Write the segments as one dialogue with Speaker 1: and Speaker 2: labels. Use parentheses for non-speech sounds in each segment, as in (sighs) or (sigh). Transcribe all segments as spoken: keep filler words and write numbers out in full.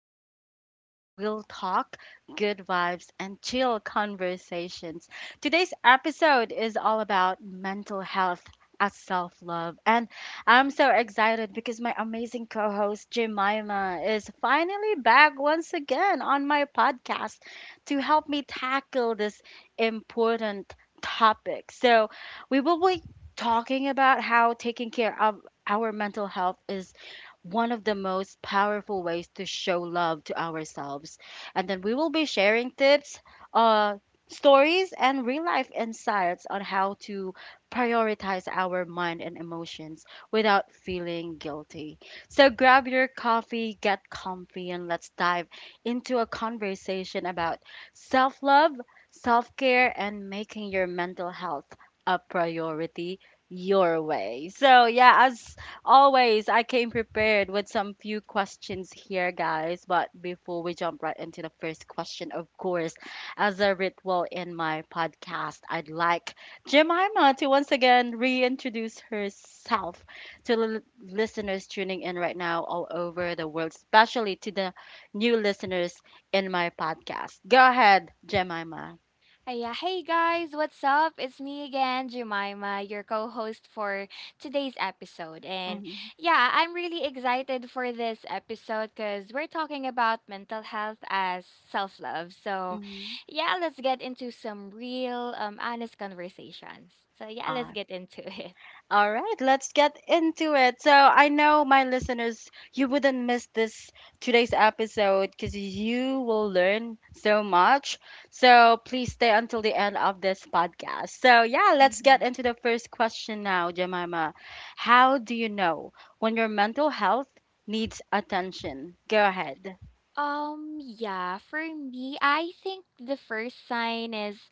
Speaker 1: safe space for real talk, good vibes, and chill conversations. Today's episode is all about mental health as self love, and I'm so excited because my amazing co host Jemima is finally back once again on my podcast to help me tackle this important topic. So, we will be talking about how taking care of our mental health is one of the most powerful ways to show love to ourselves. And then we will be sharing tips, uh, stories, and real life insights on how to prioritize our mind and emotions without feeling guilty. So grab your coffee, get comfy, and let's dive into a conversation about self love, self care, and making your mental health a priority your way. So yeah, as always, I came prepared with some few questions here, guys. But before we jump right into the first question, of course, as a ritual in my podcast, I'd like Jemima to once again reintroduce herself to the l- listeners tuning in right now all over the world, especially to the new listeners in my podcast. Go ahead, Jemima.
Speaker 2: Hiya. Hey guys, what's up? It's me again, Jemima, your co host for today's episode. And yeah, I'm really excited for this episode because we're talking about mental health as self love. So
Speaker 1: Mm-hmm.
Speaker 2: yeah, let's get into some real, um, honest conversations. So yeah, let's get into (laughs) it.
Speaker 1: All right, let's get into it. So I know my listeners, you wouldn't miss this today's episode because you will learn so much. So please stay until the end of this podcast. So yeah, let's get
Speaker 2: hmm
Speaker 1: into the first question now, Jemima. How do you know when your mental health needs attention? Go ahead.
Speaker 2: Um, yeah, for me, I think the first sign is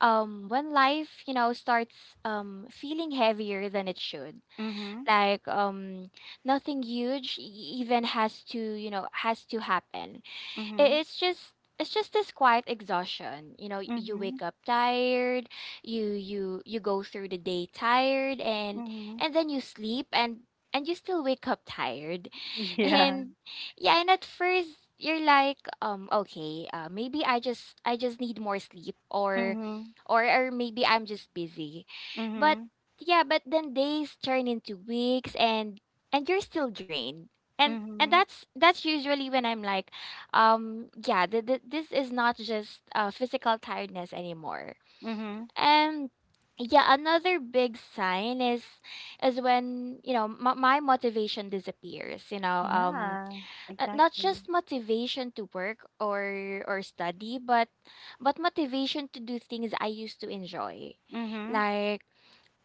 Speaker 2: um when life, you know, starts um feeling heavier than it should.
Speaker 1: Mm-hmm.
Speaker 2: like um nothing huge e- even has to you know has to happen. it,
Speaker 1: Mm-hmm.
Speaker 2: it's just it's just this quiet exhaustion. You know y- you
Speaker 1: Mm-hmm.
Speaker 2: wake up tired, you you you go through the day tired, and
Speaker 1: Mm-hmm.
Speaker 2: and then you sleep and and you still wake up tired.
Speaker 1: (laughs)
Speaker 2: (laughs)
Speaker 1: Yeah.
Speaker 2: And yeah, and at first you're like um okay, uh, maybe i just i just need more sleep, or
Speaker 1: Mm-hmm.
Speaker 2: or or maybe I'm just busy. But
Speaker 1: Mm-hmm.
Speaker 2: yeah, but then days turn into weeks and and you're still drained, and and
Speaker 1: Mm-hmm.
Speaker 2: that's that's usually when I'm like, um yeah, th- th- this is not just uh, physical tiredness anymore.
Speaker 1: Mm-hmm.
Speaker 2: And yeah, another big sign is is when, you know, m- my motivation disappears, you know. Um
Speaker 1: Yeah.
Speaker 2: uh, not
Speaker 1: Exactly.
Speaker 2: just motivation to work or or study, but but motivation to do things I used to enjoy.
Speaker 1: Mhm,
Speaker 2: like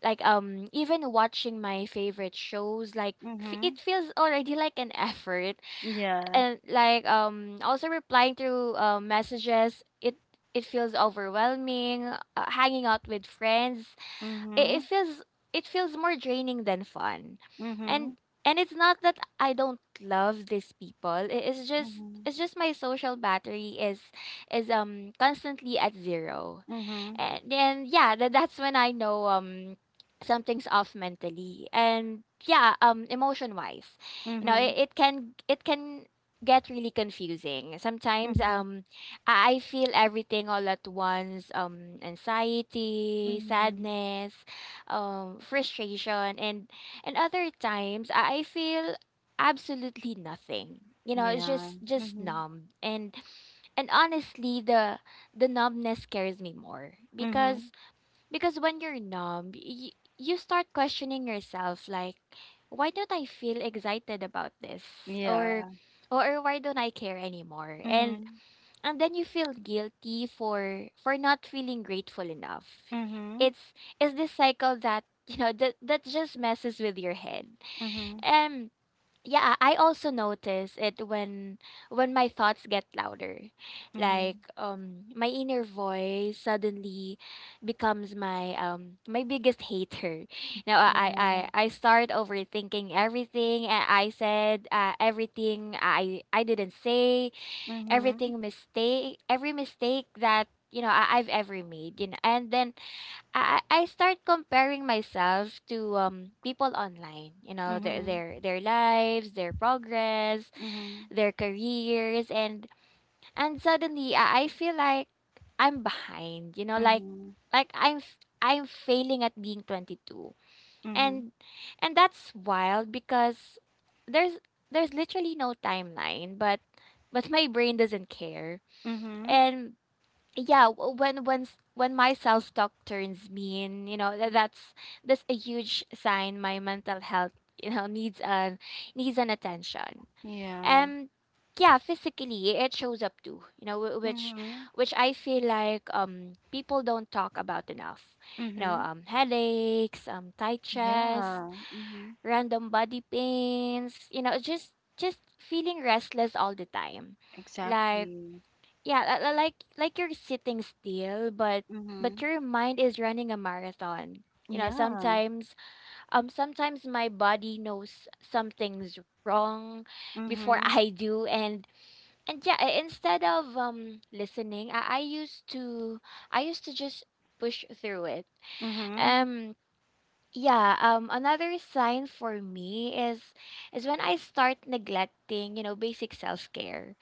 Speaker 2: like um even watching my favorite shows, like f- it
Speaker 1: mhm,
Speaker 2: feels already like an (laughs) effort.
Speaker 1: yeah,
Speaker 2: And like um also replying through uh, messages, it it feels overwhelming. Uh, hanging out with friends, it, it
Speaker 1: mhm,
Speaker 2: feels it feels more draining than fun. And
Speaker 1: mhm,
Speaker 2: and it's not that I don't love these people, it is just
Speaker 1: mhm,
Speaker 2: it's just my social battery is is um constantly at zero.
Speaker 1: mhm,
Speaker 2: And, and yeah, that, that's when I know um something's off mentally. And yeah, um emotion wise. You know, it,
Speaker 1: mhm,
Speaker 2: it can it can get really confusing. Sometimes
Speaker 1: mhm,
Speaker 2: um I I feel everything all at once: um anxiety,
Speaker 1: mhm,
Speaker 2: sadness, um frustration. And and other times I I feel absolutely nothing. You know, it's
Speaker 1: yeah,
Speaker 2: just just
Speaker 1: mhm,
Speaker 2: numb. And and honestly, the the numbness scares me more,
Speaker 1: mhm,
Speaker 2: because because when you're numb, y- you start questioning yourself, like, why don't I feel excited about this, or
Speaker 1: yeah,
Speaker 2: or why don't I care anymore? And
Speaker 1: mhm,
Speaker 2: and then you feel guilty for for not feeling grateful enough.
Speaker 1: mhm,
Speaker 2: It's it's this cycle that, you know, that that just messes with your head.
Speaker 1: mhm,
Speaker 2: Yeah, I also notice it when when my thoughts get louder. Like
Speaker 1: mhm,
Speaker 2: um my inner voice suddenly becomes my um my biggest hater. Now I I
Speaker 1: yeah,
Speaker 2: I I start overthinking everything, uh, I said, uh, everything i i didn't say,
Speaker 1: mhm,
Speaker 2: everything mistake every mistake that, you know, I, I've ever made, you know. And then I I I start comparing myself to um people online, you know, their
Speaker 1: mhm,
Speaker 2: their their lives, their progress,
Speaker 1: mhm,
Speaker 2: their careers. And and suddenly I, I feel like I'm behind, you know,
Speaker 1: mhm,
Speaker 2: like
Speaker 1: mhm,
Speaker 2: like I'm f- I'm failing at being twenty-two. And and that's wild because there's there's literally no timeline, but but my brain doesn't care.
Speaker 1: mhm,
Speaker 2: And yeah, w- when when s- when my self-talk turns mean, you know, that, that's that's a huge sign my mental health, you know, needs an needs an attention.
Speaker 1: yeah,
Speaker 2: And yeah, physically it shows up too, you know, wh- which
Speaker 1: mhm,
Speaker 2: which I feel like um people don't talk about enough. You know,
Speaker 1: mhm,
Speaker 2: um headaches, um tight chest,
Speaker 1: yeah, mhm,
Speaker 2: random body pains, you know, just just feeling restless all the time. like
Speaker 1: exactly,
Speaker 2: yeah, li- li- like like you're sitting still, but but
Speaker 1: mhm,
Speaker 2: your mind is running a marathon. You know,
Speaker 1: yeah,
Speaker 2: sometimes um sometimes my body knows something's wrong before (laughs)
Speaker 1: mhm,
Speaker 2: I do. And and yeah, i- instead of um listening, I, I used to I used to just push through it.
Speaker 1: mhm,
Speaker 2: Um yeah, um another sign for me is is when I start neglecting, you know, basic self-care.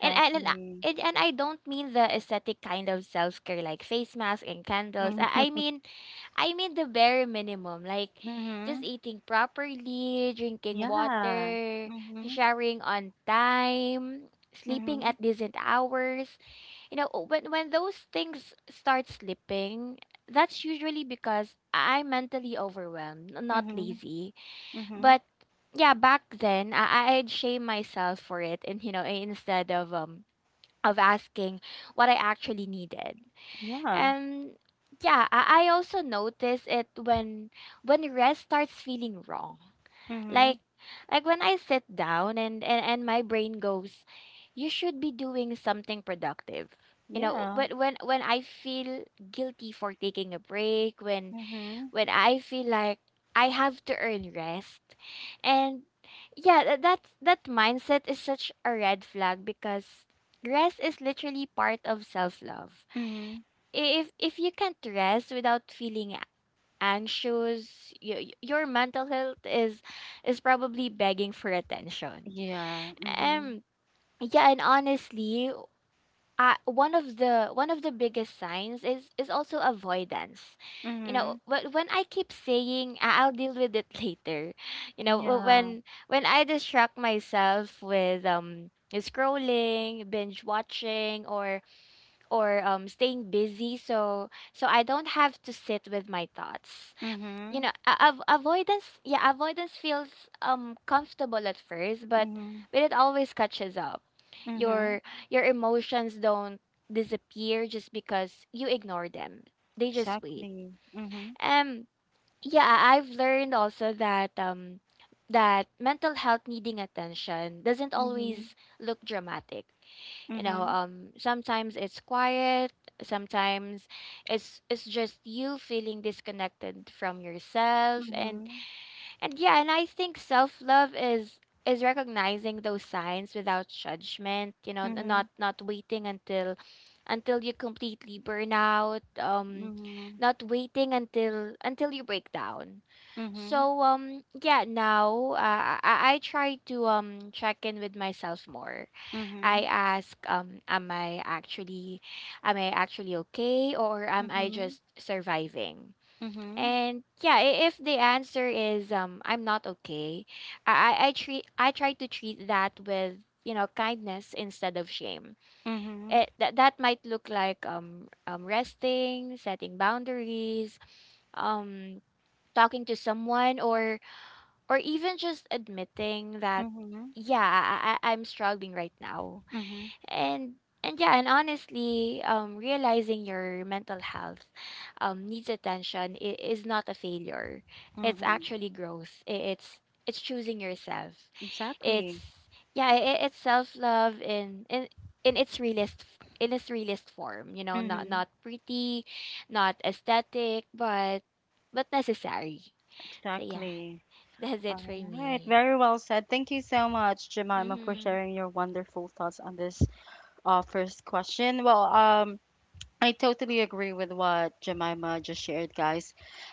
Speaker 2: and and and I and and I don't mean the aesthetic kind of self-care like face masks and candles. I, I
Speaker 1: Mhm.
Speaker 2: mean I mean the bare minimum, like just
Speaker 1: Mhm.
Speaker 2: eating properly, drinking
Speaker 1: Yeah.
Speaker 2: water,
Speaker 1: Mhm.
Speaker 2: showering on time, sleeping
Speaker 1: Mhm.
Speaker 2: at decent hours. You know, when when those things start slipping, that's usually because I'm mentally overwhelmed, n- not
Speaker 1: Mhm.
Speaker 2: lazy.
Speaker 1: Mhm.
Speaker 2: But yeah, back then I, I'd shame myself for it, and, you know, instead of um of asking what I actually needed.
Speaker 1: Yeah.
Speaker 2: And yeah, I, I also notice it when when rest starts feeling wrong. Like
Speaker 1: Mhm.
Speaker 2: like when I sit down, and, and, and my brain goes, "You should be doing something productive." You know,
Speaker 1: Yeah.
Speaker 2: when when when I feel guilty for taking a break, when
Speaker 1: Mhm.
Speaker 2: when I feel like I have to earn rest. And yeah, tha- that's that mindset is such a red flag because rest is literally part of self-love.
Speaker 1: Mhm.
Speaker 2: If if you can't rest without feeling a- anxious, y- y- your mental health is is probably begging for attention.
Speaker 1: Yeah. Mhm.
Speaker 2: Um yeah, and honestly, uh, one of the one of the biggest signs is is also avoidance, you know,
Speaker 1: Mhm.
Speaker 2: but when I keep saying, "Ah, I'll deal with it (laughs) later." You know, wh-
Speaker 1: Yeah.
Speaker 2: when when I distract myself with um scrolling, binge watching, or or um staying busy, so so I don't have to sit with my thoughts. You
Speaker 1: Mhm.
Speaker 2: know, a- av- avoidance, yeah, avoidance feels um comfortable at first, but
Speaker 1: Mhm.
Speaker 2: but it always catches up. your
Speaker 1: Mhm.
Speaker 2: your emotions don't disappear just because you ignore them. They just wait.
Speaker 1: Exactly. Mhm.
Speaker 2: um yeah, I- I've learned also that um that mental health needing attention doesn't
Speaker 1: Mhm.
Speaker 2: always look dramatic. You know,
Speaker 1: Mhm.
Speaker 2: um sometimes it's quiet, sometimes it's it's just you feeling disconnected from yourself. And
Speaker 1: Mhm.
Speaker 2: and yeah, and I think self-love is is recognizing those signs without judgment, you know, n- not
Speaker 1: Mhm.
Speaker 2: not waiting until until you completely burn out, um
Speaker 1: Mhm.
Speaker 2: not waiting until until you break down.
Speaker 1: Mhm.
Speaker 2: So um yeah, now, uh, I I I try to um check in with myself more. I
Speaker 1: Mhm.
Speaker 2: ask, um am I actually am I actually okay, or am I
Speaker 1: Mhm.
Speaker 2: just surviving?
Speaker 1: Mhm.
Speaker 2: And yeah, i- if the answer is um I'm not okay, I I I treat I try to treat that with, you know, kindness instead of shame.
Speaker 1: Mhm.
Speaker 2: It That that might look like um um resting, setting boundaries, um talking to someone, or or even just admitting that
Speaker 1: Mhm.
Speaker 2: yeah, I, I I'm struggling right now.
Speaker 1: Mhm.
Speaker 2: And and yeah, and honestly, um realizing your mental health um needs attention i- is not a failure. It's
Speaker 1: Mhm.
Speaker 2: actually growth. I- it's it's choosing yourself.
Speaker 1: Exactly.
Speaker 2: It's Yeah, i i- it's self love in in in its realist in its realist form. You know, not
Speaker 1: Mhm.
Speaker 2: not pretty, not aesthetic, but but necessary. So yeah,
Speaker 1: Exactly.
Speaker 2: (laughs) that's it for
Speaker 1: All right,
Speaker 2: me.
Speaker 1: very well said. Thank you so much, Jemima, for
Speaker 2: mhm
Speaker 1: sharing your wonderful thoughts on this uh, first question. Well, um, I totally agree with what Jemima just shared, guys.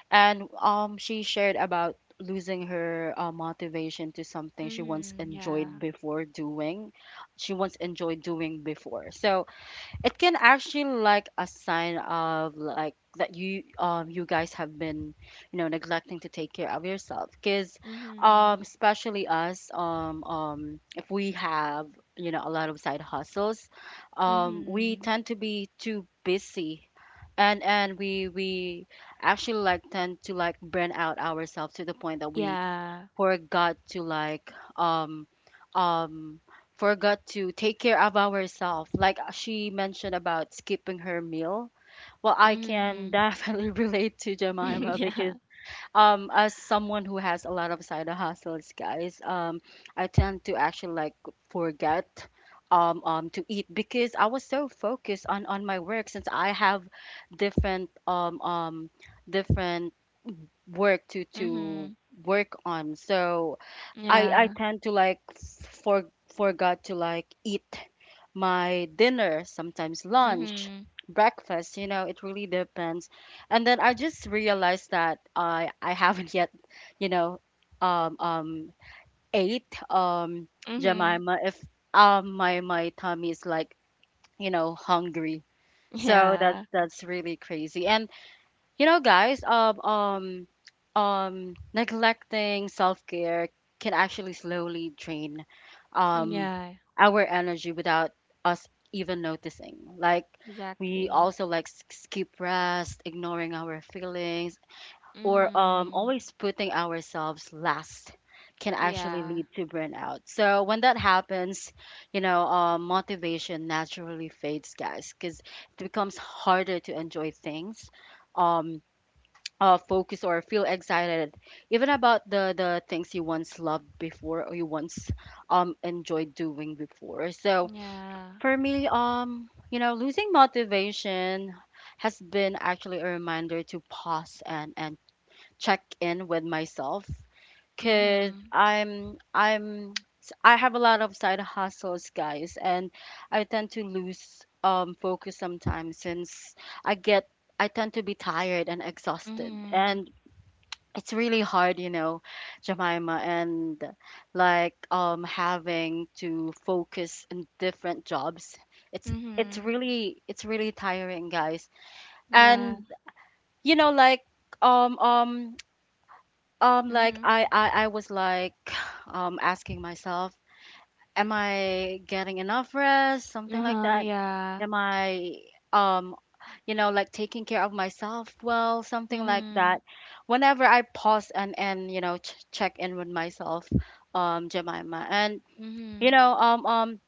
Speaker 1: And um, she shared about losing her uh, motivation to something she once
Speaker 2: mhm
Speaker 1: enjoyed
Speaker 2: yeah
Speaker 1: before doing. She once enjoyed doing before. So it can actually like a sign of like that you um you guys have been, you know, neglecting to take care of yourself because
Speaker 2: mhm
Speaker 1: um especially us, um um if we have, you know, a lot of side hustles, um we
Speaker 2: mhm
Speaker 1: tend to be too busy and and we we actually like tend to like burn out ourselves to the point that we
Speaker 2: Yeah.
Speaker 1: forgot to like um um forgot to take care of ourselves, like uh, she mentioned about skipping her meal. Well, I can
Speaker 2: Mhm.
Speaker 1: definitely (laughs) relate to
Speaker 2: (laughs)
Speaker 1: Jemima
Speaker 2: Yeah.
Speaker 1: because um as someone who has a lot of side hustles, guys, um I tend to actually like forget, um, um to eat because I was so focused on on my work since I have different um um different work to to
Speaker 2: Mhm.
Speaker 1: work on. So I I
Speaker 2: Yeah.
Speaker 1: tend to like for forgot to like eat my dinner, sometimes lunch,
Speaker 2: Mhm.
Speaker 1: breakfast, you know, it really depends. And then I just realized that I I haven't yet, you know, um um ate, um
Speaker 2: Mhm.
Speaker 1: Jemima, if um my my tummy is like, you know, hungry. So that's
Speaker 2: Yeah.
Speaker 1: that's really crazy. And you know, guys, um, um, um, neglecting self-care can actually slowly drain, um,
Speaker 2: Yeah.
Speaker 1: our energy without us even noticing. Like we
Speaker 2: Exactly.
Speaker 1: also like s- skip rest, ignoring our feelings, or um,
Speaker 2: Mhm.
Speaker 1: always putting ourselves last can actually
Speaker 2: Yeah.
Speaker 1: lead to burnout. So when that happens, you know, uh, motivation naturally fades, guys, because it becomes harder to enjoy things. Um, uh, Focus or feel excited even about the the things you once loved before or you once um enjoyed doing before. So
Speaker 2: Yeah.
Speaker 1: for me, um you know, losing motivation has been actually a reminder to pause and and check in with myself because
Speaker 2: Mhm.
Speaker 1: i'm I'm, I have a lot of side hustles, guys, and I tend to lose um focus sometimes since i get I tend to be tired and exhausted.
Speaker 2: Mhm.
Speaker 1: And it's really hard, you know, Jemima, and like um having to focus in different jobs. It's it's
Speaker 2: Mhm.
Speaker 1: really it's really tiring, guys.
Speaker 2: Yeah.
Speaker 1: And you know, like um um um like
Speaker 2: Mhm.
Speaker 1: I I, I was like (sighs) um asking myself, am I getting enough rest? Something like
Speaker 2: Uh-huh.
Speaker 1: that.
Speaker 2: Yeah.
Speaker 1: Am I um you know, like taking care of myself well, something like
Speaker 2: Mhm.
Speaker 1: that. Whenever I pause and and you know, ch- check in with myself, um Jemima, and you
Speaker 2: Mhm.
Speaker 1: know, um um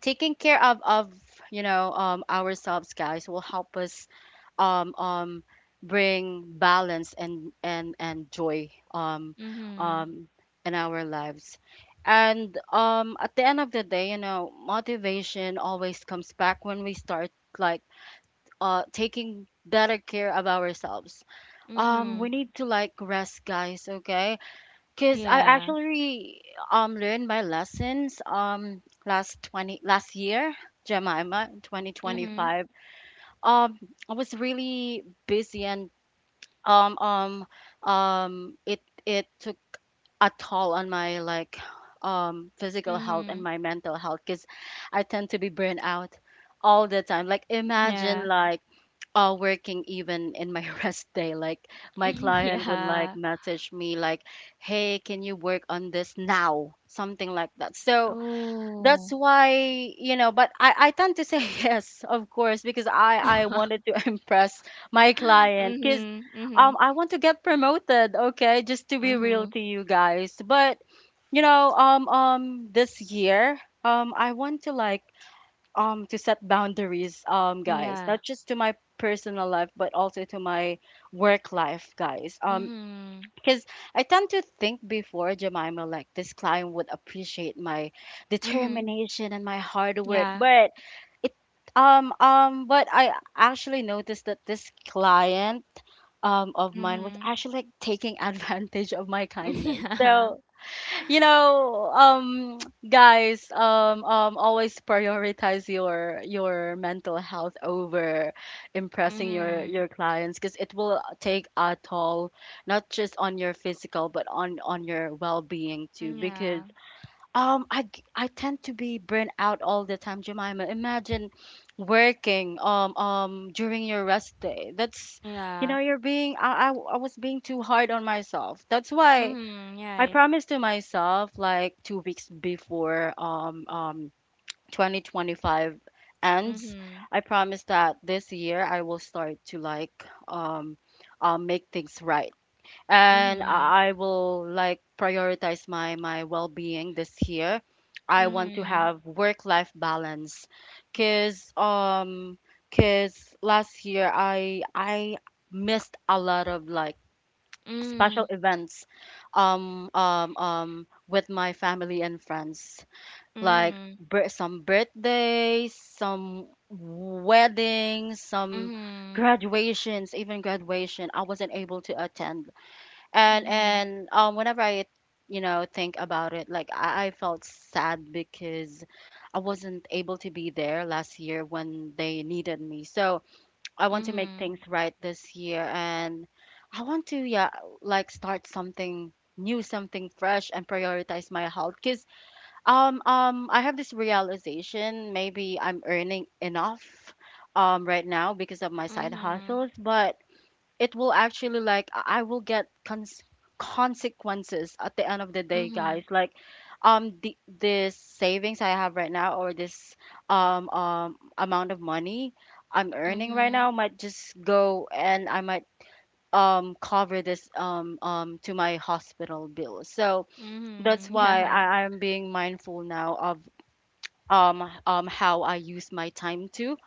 Speaker 1: taking care of of you know, um ourselves, guys, will help us, um, um, bring balance and and and joy, um,
Speaker 2: Mhm.
Speaker 1: um, in our lives. And um, at the end of the day, you know, motivation always comes back when we start like, uh, taking better care of ourselves. Um,
Speaker 2: Mhm.
Speaker 1: we need to like rest, guys. Okay, because I
Speaker 2: Yeah.
Speaker 1: actually um learned my lessons um last twenty last year, Jemima, twenty twenty
Speaker 2: Mhm.
Speaker 1: five. Um, I was really busy and um um um it it took a toll on my like um physical health and
Speaker 2: Mhm.
Speaker 1: my mental health because I tend to be burnt out all the time. Like
Speaker 2: Yeah.
Speaker 1: imagine like, uh working even in my (laughs) rest day. Like my
Speaker 2: (laughs)
Speaker 1: client would like
Speaker 2: Yeah.
Speaker 1: message me like, "Hey, can you work on this now?" Something like that. So that's
Speaker 2: Oh.
Speaker 1: why, you know, but i i tend to say (laughs) yes, of course, because i i wanted
Speaker 2: (laughs)
Speaker 1: to (laughs) impress my client because
Speaker 2: mhm. Mhm.
Speaker 1: um I want to get promoted, okay, just to be real
Speaker 2: Mhm.
Speaker 1: to you guys. But you know, um um this year, um I want to like, um to set boundaries, um guys,
Speaker 2: Yeah.
Speaker 1: not just to my personal life but also to my work life, guys, um
Speaker 2: Mhm.
Speaker 1: because I tend to think before, Jemima, like this client would appreciate my
Speaker 2: Mhm.
Speaker 1: determination and my hard work,
Speaker 2: Yeah.
Speaker 1: but it um um but I actually noticed that this client um of mine was
Speaker 2: Mhm.
Speaker 1: actually like taking (laughs) advantage of my
Speaker 2: (laughs)
Speaker 1: kindness.
Speaker 2: Yeah.
Speaker 1: So you know, um guys, um um always prioritize your your mental health over impressing your
Speaker 2: Mhm.
Speaker 1: your clients, because it will take a toll not just on your physical but on on your well-being too.
Speaker 2: Yeah.
Speaker 1: Because um i g- I tend to be burnt out all the time, Jemima. Imagine working um um during your rest day. That's, you
Speaker 2: Yeah.
Speaker 1: know, you're being, I, I I was being too hard on myself. That's why
Speaker 2: Mhm.
Speaker 1: I
Speaker 2: Right.
Speaker 1: promised to myself like two weeks before um um twenty twenty five ends.
Speaker 2: Mhm.
Speaker 1: I promised that this year I will start to like, um um make things right, and
Speaker 2: Mhm.
Speaker 1: I I will like prioritize my my well being this year. I want to
Speaker 2: Mhm.
Speaker 1: have work life balance, cause um cause last year I I missed a lot of like
Speaker 2: Mhm.
Speaker 1: special events, um, um, um, with my family and friends, like
Speaker 2: Mhm.
Speaker 1: bir- some birthdays, some weddings, some graduations, even graduation. I wasn't able to attend, and
Speaker 2: Mhm.
Speaker 1: and um, whenever I, you know, think about it, like I, I felt sad because I wasn't able to be there last year when they needed me. So I want to make
Speaker 2: Mhm.
Speaker 1: things right this year, and I want to, yeah, like start something new, something fresh, and prioritize my health. Because um um I have this realization, maybe I'm earning enough um right now because of my side
Speaker 2: Mhm.
Speaker 1: hustles, but it will actually like I I will get cons- consequences at the end of the day,
Speaker 2: Mhm.
Speaker 1: guys. Like, um the this savings I have right now or this um um amount of money I'm earning right
Speaker 2: Mhm.
Speaker 1: now might just go, and I might um cover this um um to my hospital bill. So
Speaker 2: Mhm. Mhm.
Speaker 1: that's why
Speaker 2: (laughs) Yeah.
Speaker 1: I, I'm being mindful now of um um how I use my time too.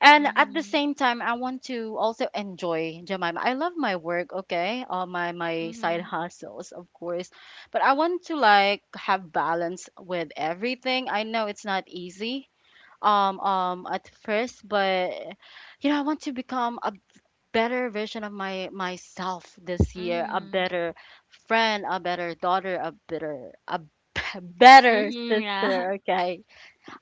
Speaker 1: And at the
Speaker 2: Mhm.
Speaker 1: same time, I want to also enjoy, Jemima. I love my work, okay? All my my side
Speaker 2: Mhm.
Speaker 1: hustles, of course. But I want to like have balance with everything. I know it's not easy um um at first, but you know, I want to become a better version of my myself this year, a
Speaker 2: Mhm.
Speaker 1: better friend, a better daughter, a better a (laughs) better
Speaker 2: Mhm. Yeah.
Speaker 1: sister,
Speaker 2: (laughs)
Speaker 1: okay?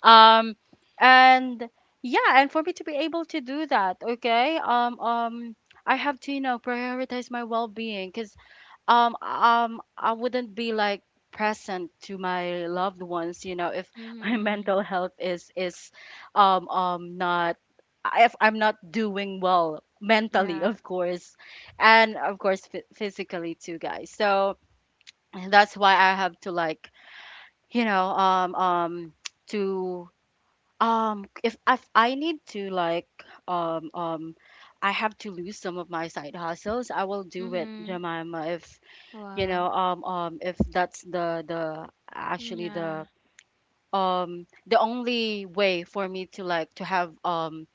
Speaker 1: um and yeah, and for me to be able to do that, okay, um um I have to, you know prioritize my well-being because um um I wouldn't be like present to my loved ones, you know, if (laughs) my
Speaker 2: Mhm.
Speaker 1: mental health is is um um not if I'm not doing well mentally, (laughs)
Speaker 2: Yeah.
Speaker 1: of course, and of course phy- physically too, guys. So that's why I have to, like, you know, um um to um, if if I need to, like, um um I have to lose some of my side hustles, I will do it,
Speaker 2: Mhm.
Speaker 1: Jemima, if you
Speaker 2: Wow.
Speaker 1: know, um um if that's the the actually
Speaker 2: Yeah.
Speaker 1: the um the only way for me to, like, to have, um,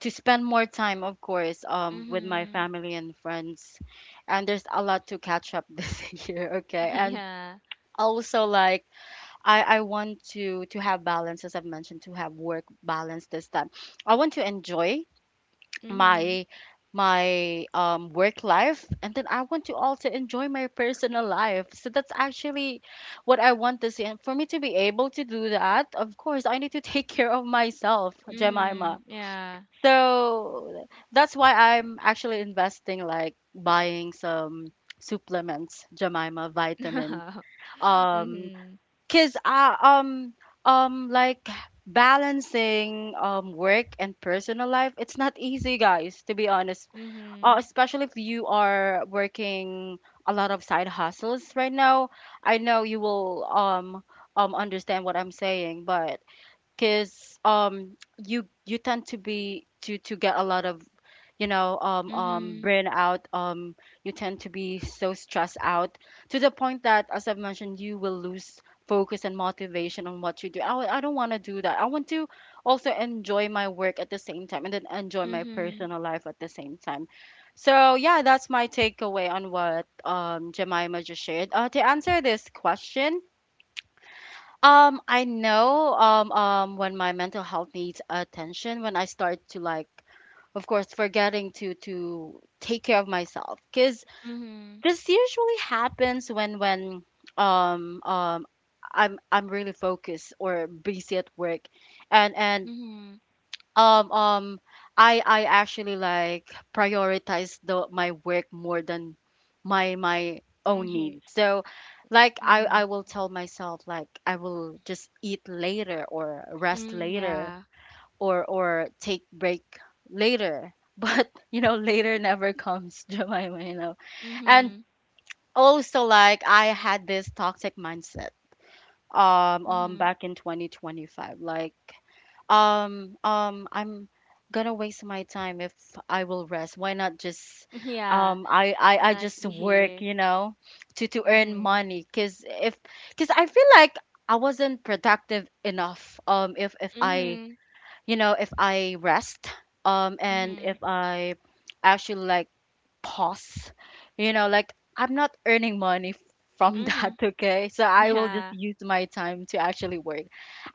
Speaker 1: to spend more time, of course, um, with my
Speaker 2: Mm-hmm.
Speaker 1: family and friends. And there's a lot to catch up (laughs) this year,
Speaker 2: (laughs)
Speaker 1: okay? And
Speaker 2: Yeah.
Speaker 1: also, like, I, I want to to have balance, as I've mentioned, to have work balance this time. I want to enjoy
Speaker 2: Mm-hmm.
Speaker 1: my my um work life, and then I want to also enjoy my personal life. So that's actually what I want this year. And for me to be able to do that, of course I need to take (laughs) care of myself,
Speaker 2: Mm-hmm.
Speaker 1: Jemima.
Speaker 2: Yeah.
Speaker 1: So that's why I'm actually investing, like buying some supplements, Jemima, vitamins,
Speaker 2: (laughs)
Speaker 1: um,
Speaker 2: Mm-hmm.
Speaker 1: 'cause I um um like balancing um work and personal life, it's not easy, guys, to be honest. Uh,
Speaker 2: Mm-hmm.
Speaker 1: especially if you are working a lot of side hustles right now. I know you will um um understand what I'm saying, but because um you you tend to be to to get a lot of, you know, um um
Speaker 2: Mm-hmm.
Speaker 1: burnout, um, you tend to be so stressed out to the point that, as I've mentioned, you will lose focus and motivation on what you do. I, I don't want to do that. I want to also enjoy my work at the same time and then enjoy my
Speaker 2: Mm-hmm.
Speaker 1: personal life at the same time. So yeah, that's my takeaway on what, um, Jemima just shared. Uh, to answer this question, um, I know um um when my mental health needs attention, when I start to, like, of course, forgetting to to take care of myself, cuz
Speaker 2: Mm-hmm.
Speaker 1: this usually happens when when um um I'm I'm really focused or busy at work. And and
Speaker 2: Mm-hmm.
Speaker 1: um, um, I I actually, like, prioritize the my work more than my my own needs.
Speaker 2: Mm-hmm.
Speaker 1: So, like, I I
Speaker 2: Mm-hmm.
Speaker 1: will tell myself, like, I will just eat later or rest
Speaker 2: Mm,
Speaker 1: later
Speaker 2: yeah.
Speaker 1: or or take break later. (laughs) But you know, later never comes, (laughs) Jemima, you know. And
Speaker 2: Mm-hmm.
Speaker 1: also, like, I had this toxic mindset um um
Speaker 2: Mm-hmm.
Speaker 1: back in twenty twenty-five, like, um, um, I'm gonna waste my time if I will rest. Why not just,
Speaker 2: (laughs)
Speaker 1: um,
Speaker 2: Yeah.
Speaker 1: I, I, I just work, you
Speaker 2: Exactly.
Speaker 1: know, to to earn
Speaker 2: Mm-hmm.
Speaker 1: money. Cause if, cause I feel like I wasn't productive enough. Um, if if I,
Speaker 2: Mm-hmm.
Speaker 1: you know, if I rest, um, and if
Speaker 2: Mm-hmm.
Speaker 1: I actually, like, pause, you know, like, I'm not earning money (laughs) f- from that.
Speaker 2: Mm-hmm.
Speaker 1: (laughs) Okay, so I will just
Speaker 2: Yeah.
Speaker 1: use my time to actually work.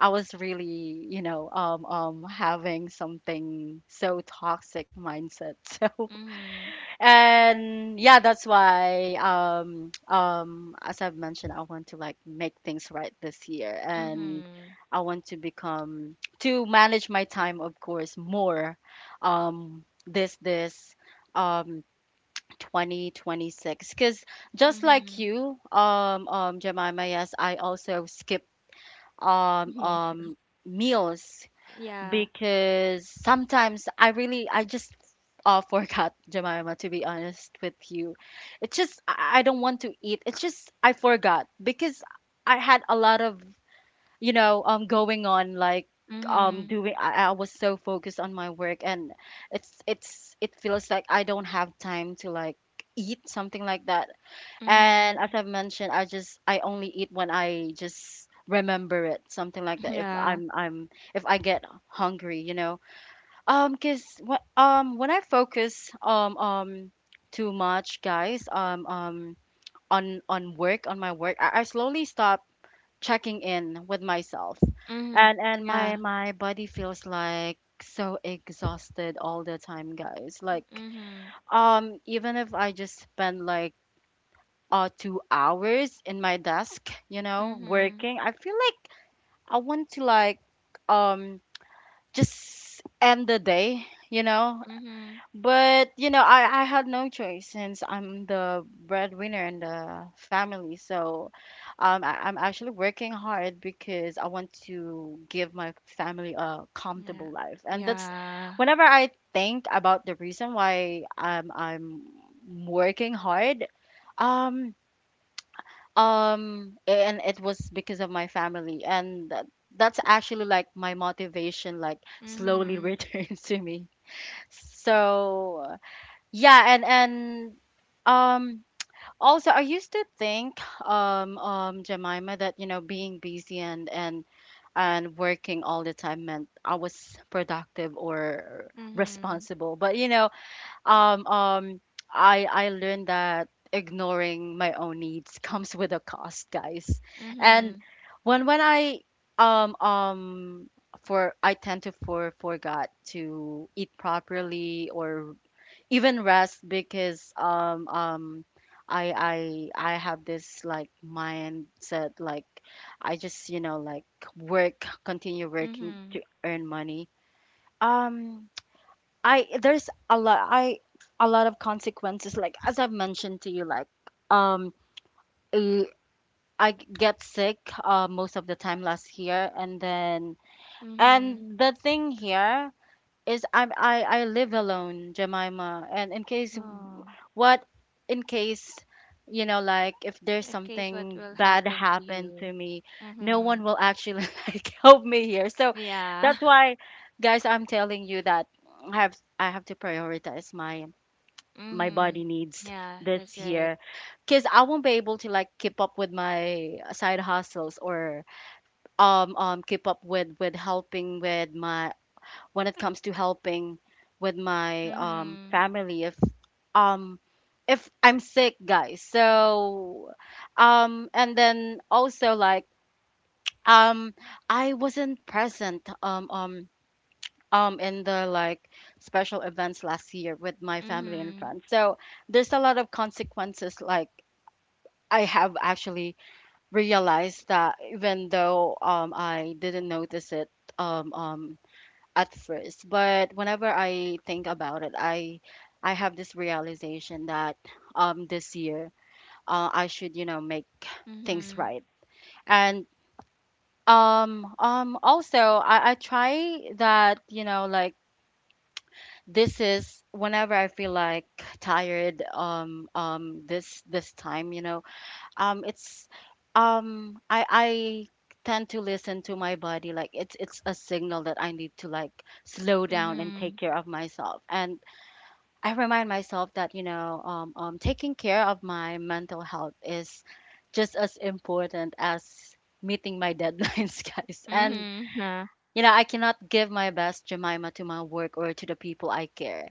Speaker 1: I was really, you know, um um having something so toxic mindset. (laughs) So,
Speaker 2: Mm-hmm.
Speaker 1: and yeah, that's why um um as I've mentioned, I want to, like, make things right this year, and
Speaker 2: Mm-hmm.
Speaker 1: I want to become to manage my time, of course, more um this this um twenty twenty-six, because just like
Speaker 2: Mm-hmm.
Speaker 1: you, um um Jemima, yes, I also skip um
Speaker 2: Me.
Speaker 1: um
Speaker 2: (laughs)
Speaker 1: meals,
Speaker 2: Yeah.
Speaker 1: because sometimes I really I just, uh, (laughs) forgot, Jemima, to be honest with you. It's just I I don't want to eat, it's just I forgot, because I had a lot of, you know, um, going on, like, um
Speaker 2: Mm-hmm.
Speaker 1: doing. I, I was so focused on my work, and it's it's it feels like I don't have time to, like, eat something, like that. And
Speaker 2: Mm-hmm.
Speaker 1: as I've mentioned, I just I only eat when I just remember it, something like that. If
Speaker 2: Yeah.
Speaker 1: I'm I'm if I get hungry, you know. Um, cause when um when I focus, um um too much, guys, um um on on work on my work, I, I slowly stop checking in with myself,
Speaker 2: Mm-hmm.
Speaker 1: and and my
Speaker 2: Yeah.
Speaker 1: my body feels, like, so exhausted all the time, guys, like,
Speaker 2: Mm-hmm.
Speaker 1: um, even if I just spend like, uh, two hours in my desk, you know,
Speaker 2: Mhm.
Speaker 1: working, I feel like I want to, like, um, just end the day, you know.
Speaker 2: Mhm.
Speaker 1: But you know, I I had no choice since I'm the breadwinner in the family. So, um, I, I'm actually working hard because I want to give my family a comfortable
Speaker 2: Yeah.
Speaker 1: life. And that's
Speaker 2: Yeah.
Speaker 1: whenever I think about the reason why um I'm working hard. Um, um, and it was because of my family, and that, that's actually, like, my motivation, like slowly (laughs)
Speaker 2: Mhm.
Speaker 1: returns to me. So yeah, and and um also I used to think um um Jemima that, you know, being busy and and and working all the time meant I was productive or
Speaker 2: Mhm.
Speaker 1: responsible. But you know, um um I I learned that ignoring my own needs (laughs) comes with a cost, guys. And
Speaker 2: Mhm.
Speaker 1: when when I um um for I tend to for forgot to eat properly or even rest because um um I I I have this, like, mindset, like, I just, you know, like, work, continue working to
Speaker 2: Mhm.
Speaker 1: earn money. Um, (tsk) I there's a lot I a lot of consequences, like as I've mentioned to you, like um eh, I get sick, uh, most of the time last year, and then
Speaker 2: Mhm.
Speaker 1: and the thing here is I'm I I live alone, Jemima, and in case,
Speaker 2: Oh.
Speaker 1: what, in case, you know, like if there's
Speaker 2: In case what
Speaker 1: something
Speaker 2: will
Speaker 1: bad
Speaker 2: happen to
Speaker 1: happened
Speaker 2: you.
Speaker 1: to me, no
Speaker 2: Mhm.
Speaker 1: one will actually (laughs) like help me here. So
Speaker 2: Yeah.
Speaker 1: that's
Speaker 2: (laughs)
Speaker 1: why, guys, I'm telling you that I have I have to prioritize my my
Speaker 2: mhm.
Speaker 1: body needs
Speaker 2: Yeah, that's
Speaker 1: this
Speaker 2: right.
Speaker 1: year, because I won't be able to, like, keep up with my side hustles or um um keep up with with helping with my, when it comes to helping with my um
Speaker 2: Mhm.
Speaker 1: family, if um if I'm sick, guys. So um, and then also, like, um, I wasn't present um um um in the, like, special events last year with my family and
Speaker 2: Mhm.
Speaker 1: friends. So there's a lot of consequences, like, I have actually realized that even though um I didn't notice it um um at first, but whenever I think about it, I I have this realization that um this year, uh, I should, you know, make things
Speaker 2: Mhm.
Speaker 1: right. And um um also, I, I try that, you know, like, this is whenever I feel like tired, um um this this time, you know, um, it's um I I tend to listen to my body, like, it's it's a signal that I need to, like, slow down and take
Speaker 2: Mhm.
Speaker 1: care of myself. And I remind myself that, you know, um, um, taking care of my mental health is just as important as meeting my deadlines, (laughs) guys. And
Speaker 2: Mhm. Yeah.
Speaker 1: you know, I cannot give my best, Jemima, to my work or to the people I care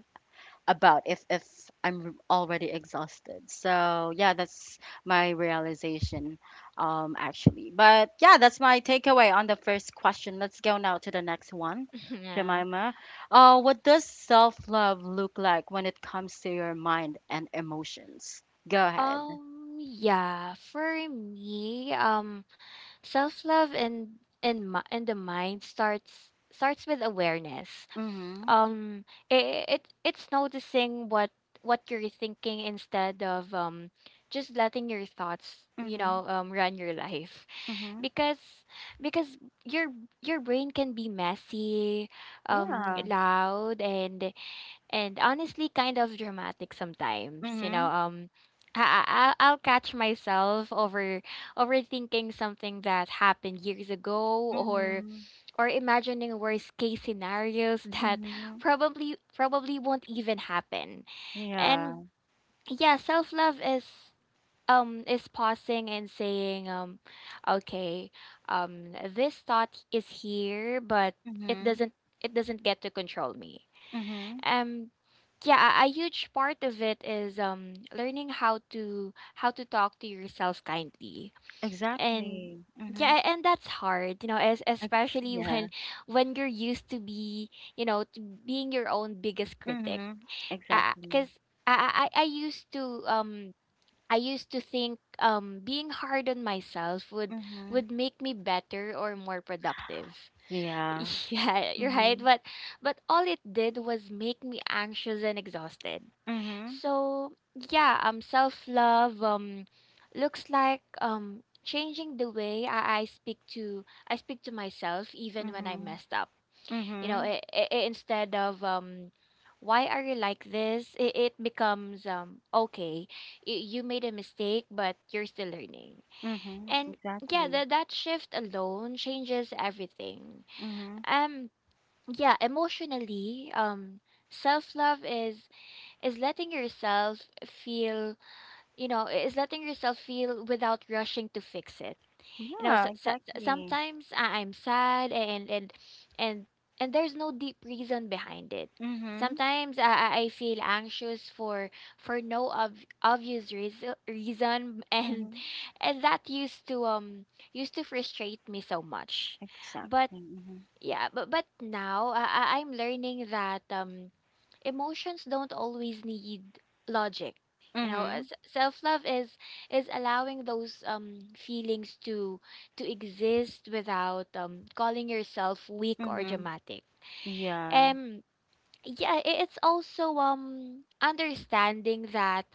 Speaker 1: about if if I'm already exhausted. So yeah, that's my realization, um, actually. But yeah, that's my takeaway on the first question. Let's go now to the next one.
Speaker 2: (laughs) yeah.
Speaker 1: Jemima, uh, what does self-love look like when it comes to your mind and emotions? Go ahead.
Speaker 2: Um yeah, for me, um self love and and mi- and the mind starts starts with awareness.
Speaker 1: Mm-hmm.
Speaker 2: Um, it, it it's noticing what what you're thinking instead of um just letting your thoughts, you
Speaker 1: Mm-hmm.
Speaker 2: know, um run your life,
Speaker 1: Mm-hmm.
Speaker 2: because because your your brain can be messy, um
Speaker 1: Yeah.
Speaker 2: loud, and and honestly kind of dramatic sometimes, you know.
Speaker 1: Mm-hmm.
Speaker 2: um I, I- I'll catch myself over overthinking something that happened years ago, or
Speaker 1: Mm-hmm.
Speaker 2: or imagining worst case scenarios (laughs) that
Speaker 1: Mm-hmm.
Speaker 2: probably probably won't even happen. And
Speaker 1: Yeah.
Speaker 2: yeah, self-love is um is pausing and saying, um okay, um this thought is here, but it
Speaker 1: Mm-hmm.
Speaker 2: doesn't it doesn't get to control me.
Speaker 1: Mm-hmm.
Speaker 2: um yeah, a, a huge part of it is um learning how to how to talk to yourself kindly. And
Speaker 1: Exactly. Mm-hmm.
Speaker 2: yeah, and that's hard, you know, as
Speaker 1: Ex-
Speaker 2: especially (laughs)
Speaker 1: Yeah.
Speaker 2: when when you're used to be you know to being your own biggest critic,
Speaker 1: Mhm. Exactly.
Speaker 2: because I, I i I used to, um i used to think um being hard on myself would
Speaker 1: Mhm.
Speaker 2: would make me better or more productive.
Speaker 1: Yeah.
Speaker 2: (laughs) Yeah, you're right,
Speaker 1: Mhm.
Speaker 2: but but all it did was make me anxious and exhausted.
Speaker 1: Mhm.
Speaker 2: So yeah, um self-love um looks like um changing the way I, I speak to I speak to myself even when I
Speaker 1: Mhm.
Speaker 2: messed up. You know,
Speaker 1: Mhm.
Speaker 2: i i i- instead of, um why are you like this? It, it becomes um okay, y- you made a mistake, but you're still learning.
Speaker 1: Mhm.
Speaker 2: And yeah,
Speaker 1: Exactly.
Speaker 2: that that shift alone changes everything.
Speaker 1: Mhm.
Speaker 2: Um yeah, emotionally, um self love is is letting yourself feel, you know, is letting yourself feel without rushing to fix it. You know,
Speaker 1: Yeah,
Speaker 2: so, so, so,
Speaker 1: exactly.
Speaker 2: sometimes I- I'm sad, and and and and there's no deep reason behind it.
Speaker 1: Mhm.
Speaker 2: Sometimes i i I feel anxious for for no ob- obvious reason reason (laughs) and
Speaker 1: Mhm.
Speaker 2: and that used to um used to frustrate me so much, but
Speaker 1: Exactly. Mhm.
Speaker 2: yeah, but but now I I- I'm learning that um emotions don't always need logic. You know, uh,
Speaker 1: Mhm.
Speaker 2: s- self-love is is allowing those um feelings to to exist without um calling yourself weak or
Speaker 1: Mhm.
Speaker 2: dramatic.
Speaker 1: Yeah.
Speaker 2: Um yeah, i- it's also um understanding that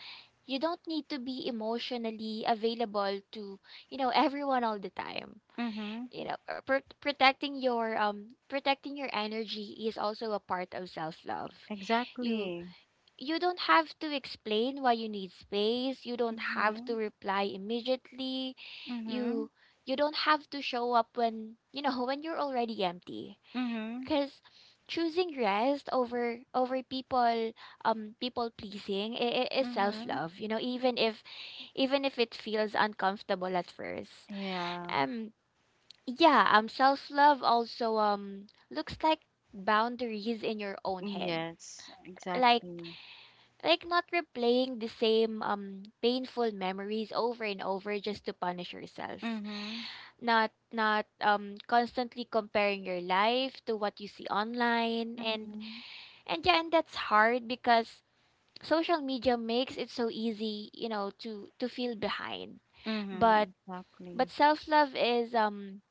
Speaker 2: you don't need to be emotionally available to, you know, everyone all the time.
Speaker 1: Mhm.
Speaker 2: You know, uh, pr- protecting your um protecting your energy is also a part of self-love. You
Speaker 1: Exactly.
Speaker 2: you don't have to explain why you need space. You don't have to
Speaker 1: Mhm.
Speaker 2: reply immediately.
Speaker 1: Mhm.
Speaker 2: You you don't have to show up when you know (laughs) when you're already empty,
Speaker 1: Mhm.
Speaker 2: because choosing rest over over people, um people pleasing i- i- is
Speaker 1: Mhm.
Speaker 2: self-love, you know. Even if even if it feels uncomfortable at first.
Speaker 1: Yeah.
Speaker 2: Um, yeah, um, self love also um looks like boundaries in your own head.
Speaker 1: Yes,
Speaker 2: Like
Speaker 1: exactly.
Speaker 2: like not replaying the same um painful memories over and over just to punish yourself.
Speaker 1: Mhm.
Speaker 2: Not not um constantly comparing your life to what you see online, and
Speaker 1: Mhm.
Speaker 2: and yeah, and that's hard because social media makes it so easy, you know, to to feel behind. But
Speaker 1: Mhm. Exactly.
Speaker 2: but self love is um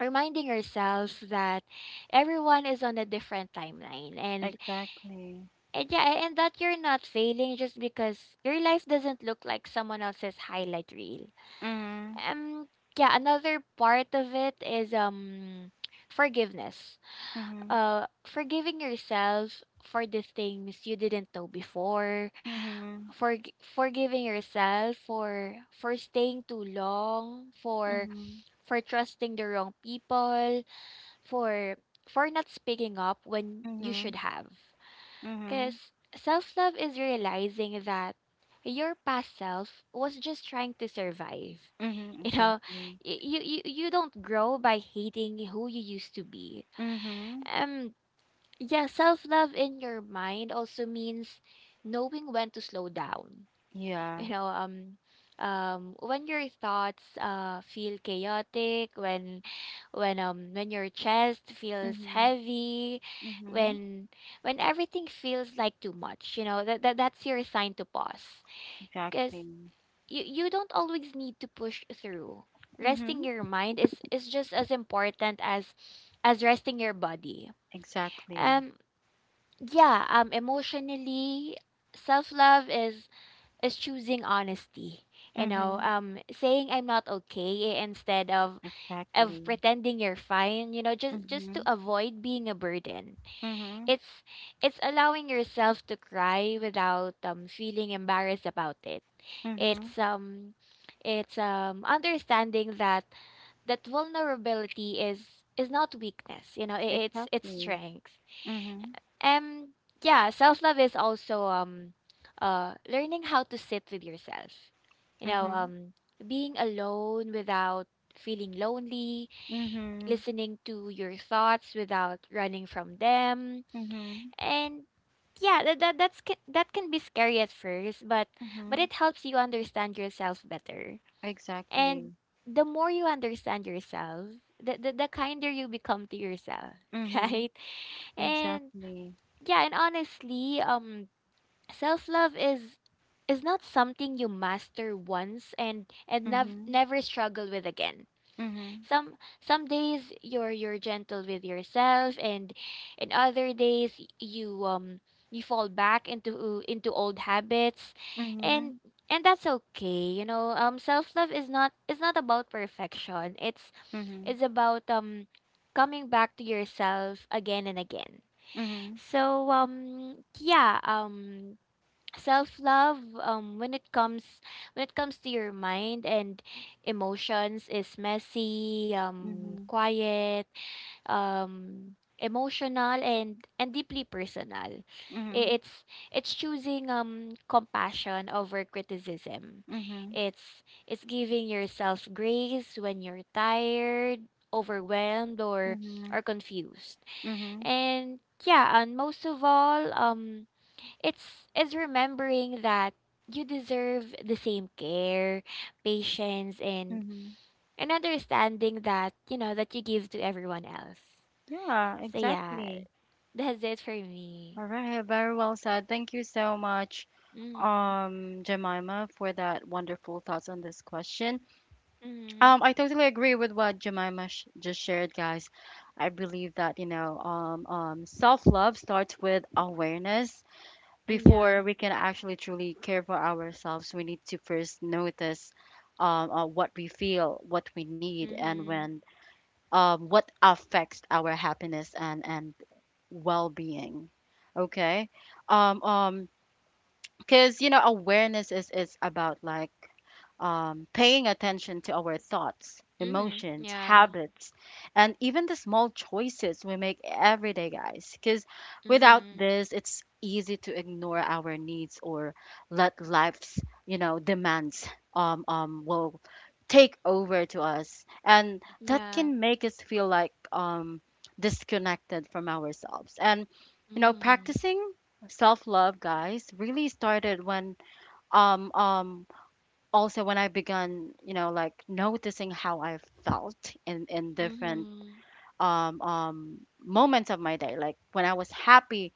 Speaker 2: reminding ourselves that everyone is on a different timeline, and
Speaker 1: Exactly.
Speaker 2: and yeah, a- and that you're not failing just because your life doesn't look like someone else's highlight reel.
Speaker 1: Mhm.
Speaker 2: um yeah, another part of it is um forgiveness.
Speaker 1: Mhm,
Speaker 2: Uh forgiving yourself for the things you didn't know before,
Speaker 1: mhm,
Speaker 2: for forgiving yourself for for staying too long, for
Speaker 1: mhm,
Speaker 2: for trusting the wrong people, for for not speaking up when you
Speaker 1: mhm,
Speaker 2: should have.
Speaker 1: mhm,
Speaker 2: Because self love is realizing that your past self was just trying to survive.
Speaker 1: mhm,
Speaker 2: (laughs) You know,
Speaker 1: exactly.
Speaker 2: y- you you, you don't grow by hating who you used to be.
Speaker 1: Mhm,
Speaker 2: Um yeah, self love in your mind also means knowing when to slow down,
Speaker 1: yeah.
Speaker 2: you know. Um um when your thoughts uh feel chaotic, when when um when your chest feels
Speaker 1: Mhm,
Speaker 2: heavy,
Speaker 1: mhm,
Speaker 2: when when everything feels like too much, you know that, that that's your sign to pause, because
Speaker 1: exactly.
Speaker 2: you you don't always need to push through.
Speaker 1: Mhm,
Speaker 2: Resting your mind is is just as important as as resting your body.
Speaker 1: exactly.
Speaker 2: um yeah, um emotionally, self-love is is choosing honesty. You know,
Speaker 1: Mhm,
Speaker 2: um, saying I'm not okay instead of of
Speaker 1: exactly.
Speaker 2: pretending you're fine. You know, just just to
Speaker 1: Mhm,
Speaker 2: avoid being a burden.
Speaker 1: mhm,
Speaker 2: It's it's allowing yourself to cry without um feeling embarrassed about it.
Speaker 1: mhm,
Speaker 2: It's um it's um understanding that that vulnerability is is not weakness. You know, i- it's it's
Speaker 1: exactly.
Speaker 2: strength.
Speaker 1: Mhm,
Speaker 2: Um, yeah, self love is also um, uh, learning how to sit with yourself. You know,
Speaker 1: mhm,
Speaker 2: um, being alone without feeling lonely,
Speaker 1: mhm,
Speaker 2: listening to your thoughts without running from them,
Speaker 1: mhm,
Speaker 2: and yeah, that, that that's ca- that can be scary at first, but but
Speaker 1: mhm,
Speaker 2: it helps you understand yourself better. And
Speaker 1: exactly.
Speaker 2: the more you understand yourself, the the, the kinder you become to yourself, (laughs)
Speaker 1: Mhm,
Speaker 2: right? And
Speaker 1: exactly.
Speaker 2: yeah, and honestly, um, self-love is is not something you master once and and nev-
Speaker 1: Mhm,
Speaker 2: never struggle with again.
Speaker 1: mhm,
Speaker 2: Some some days you're you're gentle with yourself, and and other days y- you um you fall back into into old habits,
Speaker 1: mhm,
Speaker 2: and and that's okay. You know, um self-love is not is not about perfection. It's
Speaker 1: mhm,
Speaker 2: it's about um coming back to yourself again and again.
Speaker 1: mhm,
Speaker 2: So um yeah, um self-love um when it comes, when it comes to your mind and emotions is messy, um
Speaker 1: mhm,
Speaker 2: quiet, um emotional, and and deeply personal. I-
Speaker 1: mhm,
Speaker 2: It's it's choosing um compassion over criticism.
Speaker 1: mhm.
Speaker 2: It's it's giving yourself grace when you're tired, overwhelmed, or or
Speaker 1: Mhm.
Speaker 2: confused,
Speaker 1: Mhm.
Speaker 2: and yeah, and most of all, um, it's is remembering that you deserve the same care, patience, and
Speaker 1: Mhm.
Speaker 2: and understanding, that you know, that you give to everyone else.
Speaker 1: Yeah,
Speaker 2: So yeah,
Speaker 1: exactly.
Speaker 2: that's it for me.
Speaker 1: All right, very well said. Thank you so much,
Speaker 2: Mm.
Speaker 1: um, Jemima, for that wonderful thoughts on this question.
Speaker 2: Mm.
Speaker 1: Um, I totally agree with what Jemima sh just shared, guys. I believe that, you know, um, um, self-love starts with awareness.
Speaker 2: Yeah.
Speaker 1: Before we can actually truly care for ourselves, we need to first notice, um, uh, what we feel, what we need, and
Speaker 2: Mhm.
Speaker 1: when, um, what affects our happiness and and well-being. Okay, um, um, because you know awareness is is about, like, um, paying attention to our thoughts,
Speaker 2: Mhm.
Speaker 1: emotions,
Speaker 2: Yeah.
Speaker 1: habits, and even the small choices we make every day, guys. Because without
Speaker 2: Mhm.
Speaker 1: this, it's easy to ignore our needs or let life's, you know, demands um, um, will take over to us. And that
Speaker 2: Yeah.
Speaker 1: can make us feel like, um, disconnected from ourselves. And, you know,
Speaker 2: Mhm.
Speaker 1: practicing self love, guys, really started when um um also when I began, you know, like noticing how I felt in in different
Speaker 2: Mhm.
Speaker 1: um um moments of my day, like when I was happy,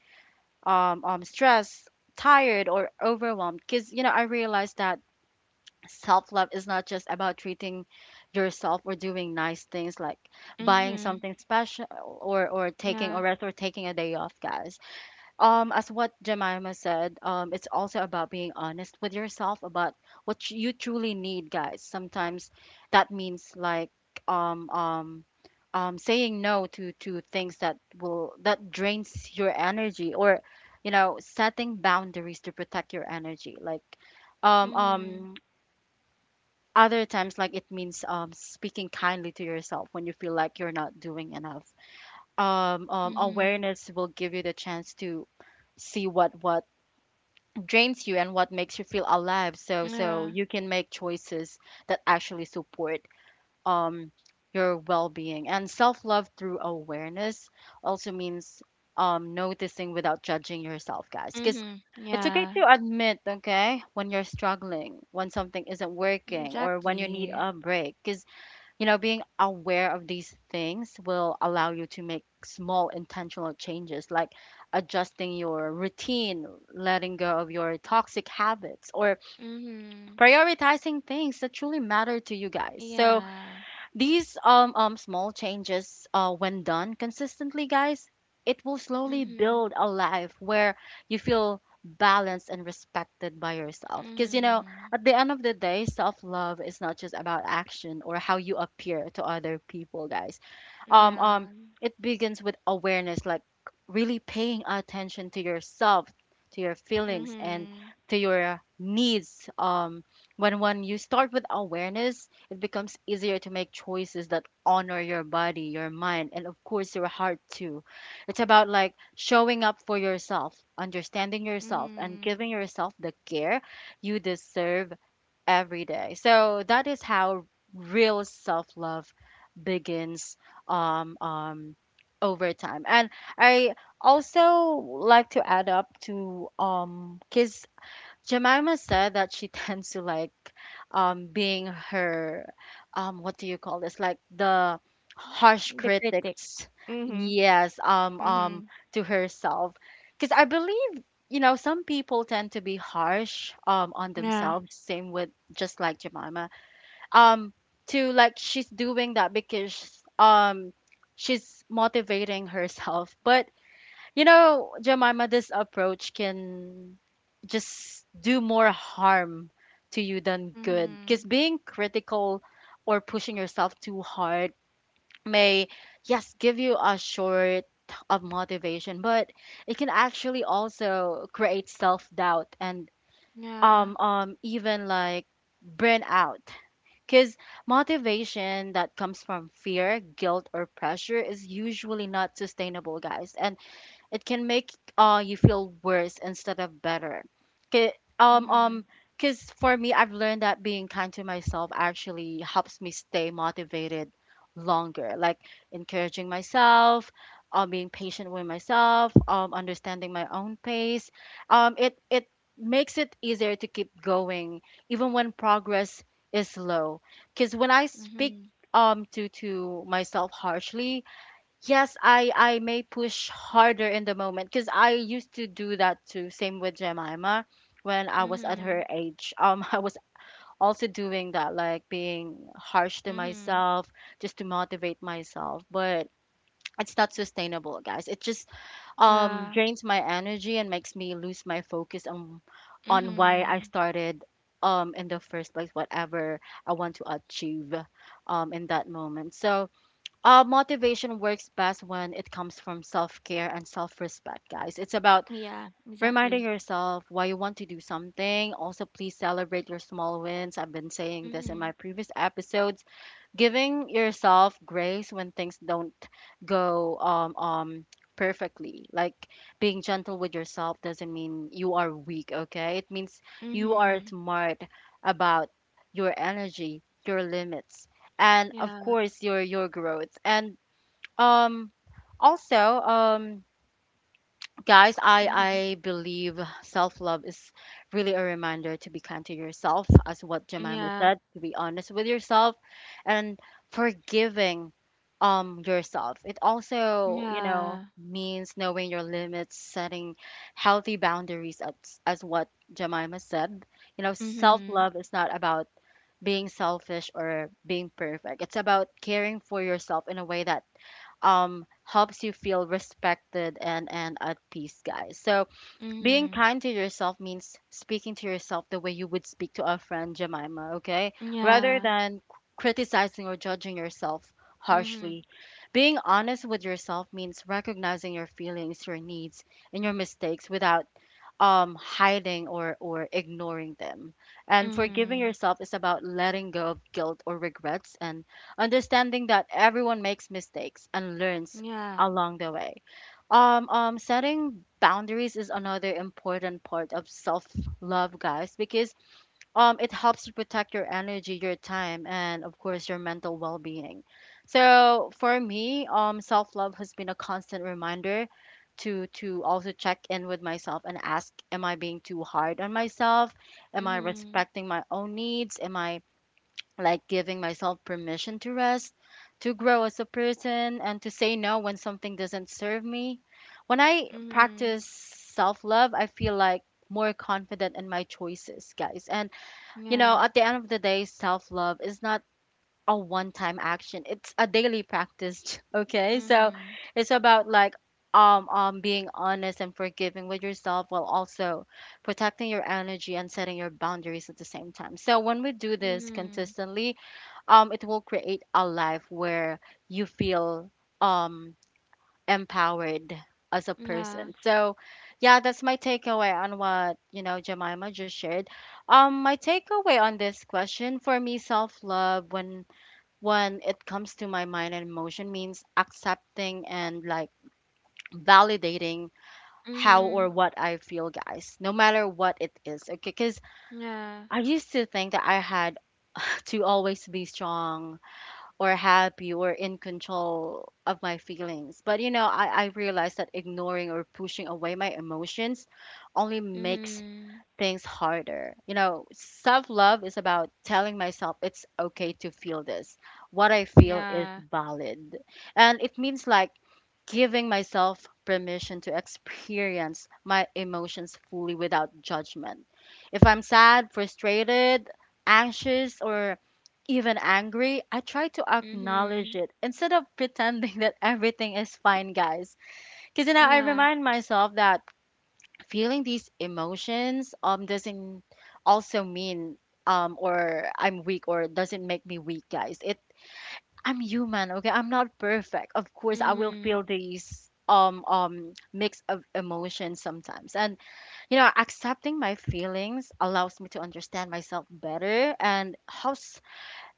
Speaker 1: um um stressed, tired or overwhelmed, because you know I realized that self love is not just about treating yourself or doing nice things, like buying
Speaker 2: Mhm.
Speaker 1: something special or or
Speaker 2: Yeah.
Speaker 1: taking a rest or taking a day off, guys. Um, as what Jemima said, um, it's also about being honest with yourself about what you truly need, guys. Sometimes that means like um um um saying no to to things that will that drains your energy or, you know, setting boundaries to protect your energy. Like um
Speaker 2: Mhm.
Speaker 1: um other times like it means um speaking kindly to yourself when you feel like you're not doing enough. Um um
Speaker 2: Mhm.
Speaker 1: awareness will give you the chance to see what what drains you and what makes you feel alive, so so
Speaker 2: Yeah.
Speaker 1: you can make choices that actually support um your well-being and self-love through awareness also means um noticing without judging yourself, guys, because
Speaker 2: Mhm.
Speaker 1: it's okay
Speaker 2: Yeah.
Speaker 1: to admit, okay, when you're struggling, when something isn't working, or when you need
Speaker 2: Exactly.
Speaker 1: a break. Because you know, being aware of these things will allow you to make small intentional changes, like adjusting your routine, letting go of your toxic habits, or
Speaker 2: Mm-hmm.
Speaker 1: prioritizing things that truly matter to you, guys. So,
Speaker 2: Yeah.
Speaker 1: these um, um small changes, uh, when done consistently, guys, it will slowly
Speaker 2: Mm-hmm.
Speaker 1: build a life where you feel balanced and respected by yourself. Because you know,
Speaker 2: Mm-hmm.
Speaker 1: at the end of the day, self love is not just about action or how you appear to other people, guys. um
Speaker 2: Yeah.
Speaker 1: um it begins with awareness, like really paying attention to yourself, to your feelings, and
Speaker 2: Mm-hmm.
Speaker 1: to your needs. Um when when you start with awareness, it becomes easier to make choices that honor your body, your mind, and of course your heart too. It's about like showing up for yourself, understanding yourself, and
Speaker 2: Mm-hmm.
Speaker 1: giving yourself the care you deserve every day. So that is how real self love begins um, um, over time. And I also like to add up to um, because Jemima said that she (laughs) tends to like um being her um what do you call this? Like the harsh
Speaker 2: The critic.
Speaker 1: critics.
Speaker 2: Mm-hmm.
Speaker 1: Yes, um um
Speaker 2: Mm-hmm.
Speaker 1: to herself. Cuz I believe you know some people tend to be harsh um on
Speaker 2: Yeah.
Speaker 1: themselves, same with just like Jemima. Um to like she's doing that because um she's motivating herself. But you know, Jemima, this approach can just do more harm to you than good. Because
Speaker 2: Mm-hmm.
Speaker 1: being critical or pushing yourself too hard may, yes, give you a short of motivation, but it can actually also create self doubt and
Speaker 2: Yeah.
Speaker 1: um um even like burnout. Because motivation that comes from fear, guilt, or pressure is usually not sustainable, guys. And it can make uh you feel worse instead of better. 'Kay, um
Speaker 2: Mm-hmm.
Speaker 1: um because for me I've learned that being kind to myself actually helps me stay motivated longer. Like encouraging myself, um being patient with myself, um understanding my own pace. Um it it makes it easier to keep going even when progress is slow. Because when I speak
Speaker 2: Mm-hmm.
Speaker 1: um to to myself harshly, Yes, I I may push harder in the moment because I used to do that too. Same with Jemima when I was at
Speaker 2: Mm-hmm.
Speaker 1: her age. Um, (laughs) I was also doing that, like being harsh to
Speaker 2: Mm-hmm.
Speaker 1: myself just to motivate myself. But it's not sustainable, guys. It just um
Speaker 2: Yeah.
Speaker 1: drains my energy and makes me lose my focus on on why I
Speaker 2: Mm-hmm.
Speaker 1: started um in the first place, whatever I want to achieve um in that moment. So, uh, motivation works best when it comes from self care and self respect, guys. It's about
Speaker 2: Yeah.
Speaker 1: reminding
Speaker 2: Exactly.
Speaker 1: yourself why you want to do something. Also, please celebrate your small wins. I've been saying this in my
Speaker 2: Mm-hmm.
Speaker 1: previous episodes. Giving yourself grace when things don't go um, um, perfectly. Like being gentle with yourself doesn't mean you are weak, okay? It means you are
Speaker 2: Mm-hmm.
Speaker 1: smart about your energy, your limits, and of
Speaker 2: Yeah.
Speaker 1: course, your, your growth. And um, also, um, guys, I
Speaker 2: Mm-hmm.
Speaker 1: I believe self love is really a reminder to be kind to yourself, as what Jemima
Speaker 2: Yeah.
Speaker 1: said, to be honest with yourself, and forgiving um yourself. It also, you know,
Speaker 2: Yeah.
Speaker 1: means knowing your limits, setting healthy boundaries, as as what Jemima said. You know, self
Speaker 2: Mm-hmm.
Speaker 1: love is not about being selfish or being perfect. It's about caring for yourself in a way that um helps you feel respected and and at peace, guys. So being
Speaker 2: Mm-hmm.
Speaker 1: kind to yourself means speaking to yourself the way you would speak to a friend, Jemima, okay? Rather
Speaker 2: Yeah.
Speaker 1: than c- criticizing or judging yourself
Speaker 2: Mm-hmm.
Speaker 1: harshly. Being honest with yourself means recognizing your feelings, your needs, and your mistakes without um, hiding or, or ignoring them. And forgiving
Speaker 2: Mm-hmm.
Speaker 1: yourself is about letting go of guilt or regrets and understanding that everyone makes mistakes and learns
Speaker 2: Yeah.
Speaker 1: along the way. Um, um, setting boundaries is another important part of self-love, guys, because um, it helps you protect your energy, your time, and of course your mental well-being. So for me, um, self-love has been a constant reminder to to also check in with myself and ask, am I being too hard on myself? Am I
Speaker 2: Mhm.
Speaker 1: respecting my own needs? Am I like giving myself permission to rest, to grow as a person, and to say no when something doesn't serve me. When I
Speaker 2: Mhm.
Speaker 1: practice self love, I feel like more confident in my choices, guys. And, you know,
Speaker 2: Yeah.
Speaker 1: at the end of the day, self love is not a one time action, it's a daily practice, (laughs) okay? So
Speaker 2: Mhm.
Speaker 1: it's about like, um, um, being honest and forgiving with yourself while also protecting your energy and setting your boundaries at the same time. So, when we do this
Speaker 2: Mhm.
Speaker 1: consistently, um it will create a life where you feel um empowered as a
Speaker 2: Yeah.
Speaker 1: person. So yeah, that's my takeaway on what you know Jemima just shared. Um my takeaway on this question, for me, self-love when when it comes to my mind and emotion, means accepting and like validating how or
Speaker 2: Mhm.
Speaker 1: what I feel, guys, no matter what it is, okay? Because
Speaker 2: Yeah.
Speaker 1: I used to think that I had to always be strong or happy or in control of my feelings. But you know, I, I realized that ignoring or pushing away my emotions only makes
Speaker 2: Mhm.
Speaker 1: things harder. You know, self love is about telling myself it's okay to feel this. What I feel is
Speaker 2: Yeah.
Speaker 1: valid. And it means like giving myself permission to experience my emotions fully without judgment. If I'm sad, frustrated, anxious, or even angry, I try to acknowledge
Speaker 2: Mhm.
Speaker 1: it instead of pretending (laughs) that everything is fine, guys. Because, you know, I
Speaker 2: Yeah.
Speaker 1: remind myself that feeling these emotions um doesn't also mean um or I'm weak or doesn't make me weak, guys. It I'm human, okay? I'm not perfect. Of course, I will
Speaker 2: Mhm.
Speaker 1: feel these um um mix of emotions sometimes. And you know, accepting my feelings allows me to understand myself better and how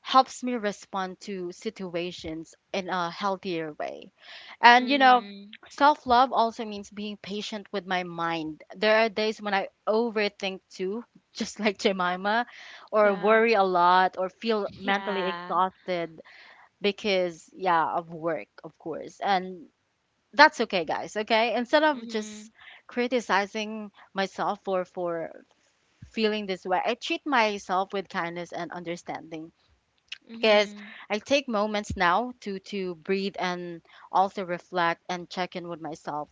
Speaker 1: helps me respond to situations in a healthier way. And you know,
Speaker 2: Mhm.
Speaker 1: self love also means being patient with my mind. There are days when I overthink too, (laughs) just like Jemima, or
Speaker 2: Yeah.
Speaker 1: worry a lot, or feel mentally
Speaker 2: Yeah.
Speaker 1: exhausted because, yeah, of work, of course. And that's okay, guys, okay? Instead of just
Speaker 2: Mhm.
Speaker 1: criticizing myself for, for feeling this way, I treat myself with kindness and understanding because
Speaker 2: Mhm.
Speaker 1: I take moments now to to breathe and also reflect and check in with myself.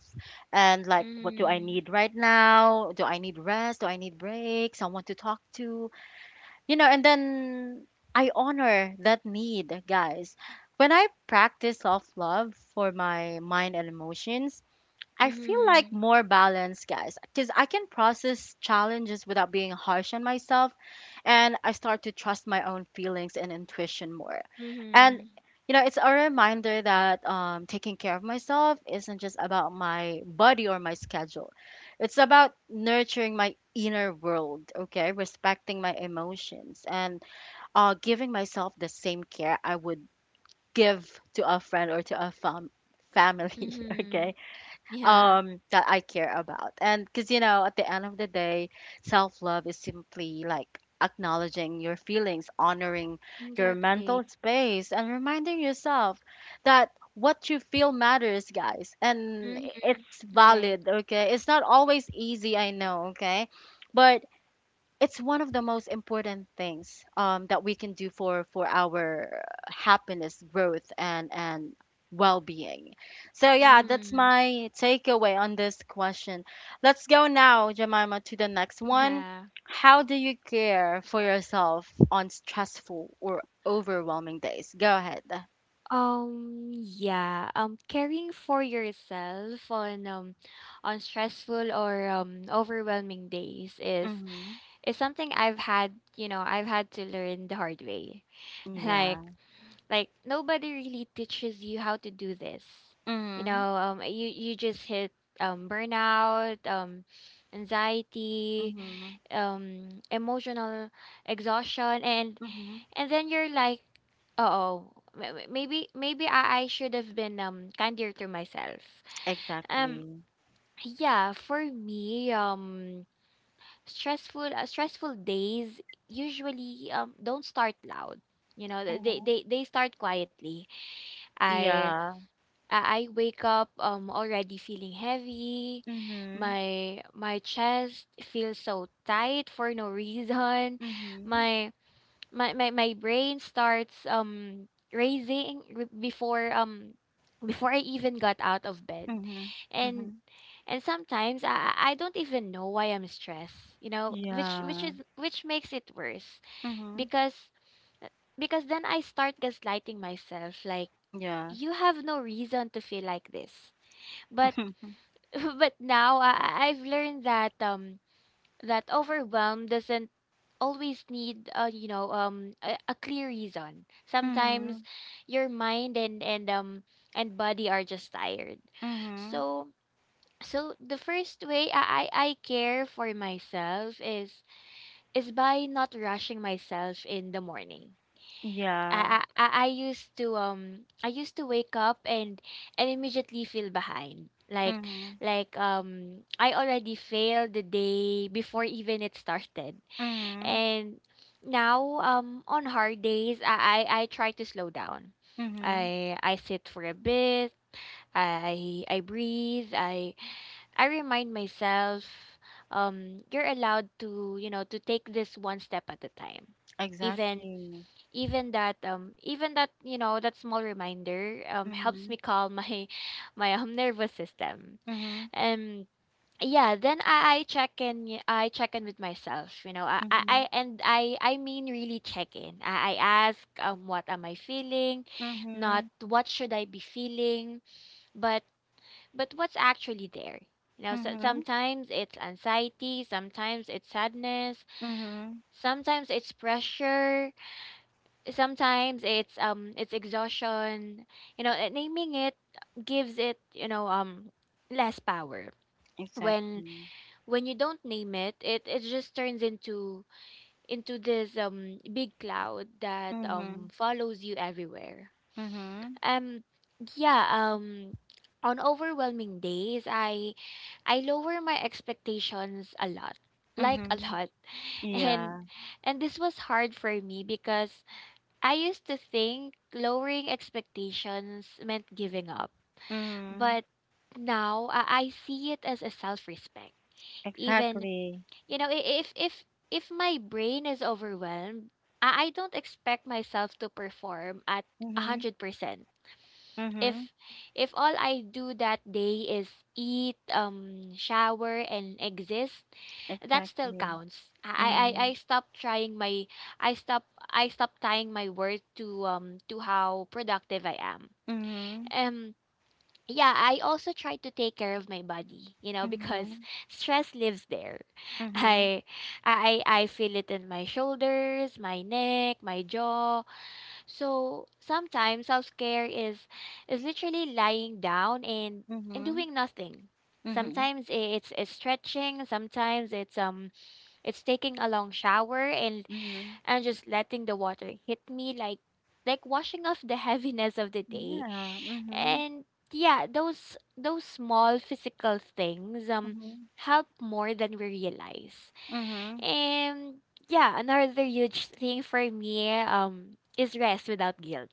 Speaker 1: And like, what do I
Speaker 2: Mhm.
Speaker 1: need right now? Do I need rest? Do I need break? Someone to talk to? You know, and then I honor that need, guys. When I practice self love for my mind and emotions, I feel like
Speaker 2: Mhm.
Speaker 1: more balance, guys, because I can process challenges without being harsh on myself, and I start to trust my own feelings and intuition more. And
Speaker 2: Mhm.
Speaker 1: you know, it's a reminder that um, taking care of myself isn't just about my body or my schedule. It's about nurturing my inner world, okay? Respecting my emotions and uh, giving myself the same care I would give to a friend or to a fam- family, (laughs)
Speaker 2: Mhm.
Speaker 1: okay?
Speaker 2: Yeah.
Speaker 1: Um that I care about. And because you know, at the end of the day, self love is simply like acknowledging your feelings, honoring your
Speaker 2: Exactly.
Speaker 1: mental space, and reminding yourself that what you feel matters, guys, and
Speaker 2: Mhm.
Speaker 1: it's
Speaker 2: Right.
Speaker 1: valid. Okay, it's not always easy, I know. Okay, but it's one of the most important things um, that we can do for for our happiness, growth, and and well-being. So yeah, that's
Speaker 2: Mhm.
Speaker 1: my takeaway on this question. Let's go now, Jemima, to the next one.
Speaker 2: Yeah.
Speaker 1: How do you care for yourself on stressful or overwhelming days? Go ahead.
Speaker 2: Um yeah, um caring for yourself on um on stressful or um overwhelming days is
Speaker 1: Mm-hmm.
Speaker 2: is something I've had, you know, I've had to learn the hard way. (laughs)
Speaker 1: yeah
Speaker 2: Like like nobody really teaches you how to do this. You
Speaker 1: mm-hmm.
Speaker 2: know, um you you just hit um burnout, um anxiety,
Speaker 1: Mm-hmm.
Speaker 2: um emotional exhaustion, and
Speaker 1: Mm-hmm.
Speaker 2: and then you're like, oh, maybe maybe I, I should have been um kinder to myself. Um
Speaker 1: exactly
Speaker 2: yeah, for me, um stressful uh, stressful days usually um don't start loud. You know, th- they
Speaker 1: Mm-hmm.
Speaker 2: they they start quietly. I
Speaker 1: yeah
Speaker 2: I I wake up um already feeling heavy.
Speaker 1: mm-hmm.
Speaker 2: My my chest feels so tight for no (laughs) reason.
Speaker 1: Mm-hmm.
Speaker 2: My my my my brain starts um raising r- before um before I even got out of bed.
Speaker 1: Mhm,
Speaker 2: And
Speaker 1: mhm.
Speaker 2: and sometimes I I I don't even know why I'm stressed, you know, which which
Speaker 1: Yeah.
Speaker 2: is which makes it worse
Speaker 1: Mhm.
Speaker 2: because uh, because then I start gaslighting myself like
Speaker 1: Yeah.
Speaker 2: you have no reason to feel like this. But
Speaker 1: (laughs)
Speaker 2: (laughs) but now I I- I've learned that um that overwhelm doesn't always need, uh, you know, um a, a clear reason. Sometimes
Speaker 1: Mhm.
Speaker 2: your mind and and um and body are just tired,
Speaker 1: Mhm.
Speaker 2: so so the first way i i I care for myself is is by not rushing myself in the morning.
Speaker 1: Yeah.
Speaker 2: I, I i I used to, um I used to wake up and and immediately feel behind like
Speaker 1: Mhm.
Speaker 2: like um I already failed the day before even it started.
Speaker 1: Mhm.
Speaker 2: And now, um, on hard days, I, I I try to slow down.
Speaker 1: Mhm.
Speaker 2: I I sit for a bit. I I breathe. I I remind myself, um, you're allowed, to you know, to take this one step at a time. Even
Speaker 1: Exactly.
Speaker 2: even that um Even that, you know, that small reminder um helps me
Speaker 1: Mhm.
Speaker 2: calm my (laughs) my um nervous system.
Speaker 1: Mhm.
Speaker 2: Um yeah, then i i check in y- I check in with myself, you know. i i I-
Speaker 1: Mhm.
Speaker 2: and i i mean really check in i, I ask um what am I feeling, not
Speaker 1: Mhm.
Speaker 2: what should I be feeling, but but what's actually there, you know. So
Speaker 1: Mhm.
Speaker 2: sometimes it's anxiety, sometimes it's sadness,
Speaker 1: Mhm.
Speaker 2: sometimes it's pressure, sometimes it's um it's exhaustion, you know. And naming it gives it, you know, um less power. When
Speaker 1: Exactly.
Speaker 2: when you don't name it, it it just turns into into this um big cloud that um
Speaker 1: Mhm.
Speaker 2: follows you everywhere.
Speaker 1: Mhm.
Speaker 2: Um yeah, um on overwhelming days, I I lower my expectations a lot. Like a
Speaker 1: Mhm.
Speaker 2: lot. (laughs) And
Speaker 1: Yeah.
Speaker 2: and this was hard for me because I used to think lowering expectations meant giving up.
Speaker 1: Mhm.
Speaker 2: But now I I see it as a self-respect. Even,
Speaker 1: Exactly.
Speaker 2: you know, i- if if if my brain is overwhelmed, I I don't expect myself to perform at
Speaker 1: Mhm.
Speaker 2: one hundred percent.
Speaker 1: Mhm.
Speaker 2: If if all I do that day is eat, um, shower, and exist, that still
Speaker 1: Exactly.
Speaker 2: counts. I I I
Speaker 1: Mhm.
Speaker 2: stop trying my I stop, I stop tying my worth to um to how productive I am.
Speaker 1: Mhm.
Speaker 2: Um yeah, I also try to take care of my body, you know, because
Speaker 1: Mhm.
Speaker 2: (laughs) stress lives there. (laughs)
Speaker 1: Mhm.
Speaker 2: I I I feel it in my shoulders, my neck, my jaw. So sometimes self-care is is literally lying down and and
Speaker 1: Mhm.
Speaker 2: doing nothing.
Speaker 1: Mhm.
Speaker 2: Sometimes i- it's, it's stretching, sometimes it's um it's taking a long shower and
Speaker 1: Mhm.
Speaker 2: and just letting the water hit me like like washing off the (laughs) heaviness of the day,
Speaker 1: Yeah. Mhm.
Speaker 2: and yeah, those those small physical things um
Speaker 1: Mhm.
Speaker 2: help more than we realize.
Speaker 1: Mhm.
Speaker 2: And yeah, another huge thing for me um is rest without guilt.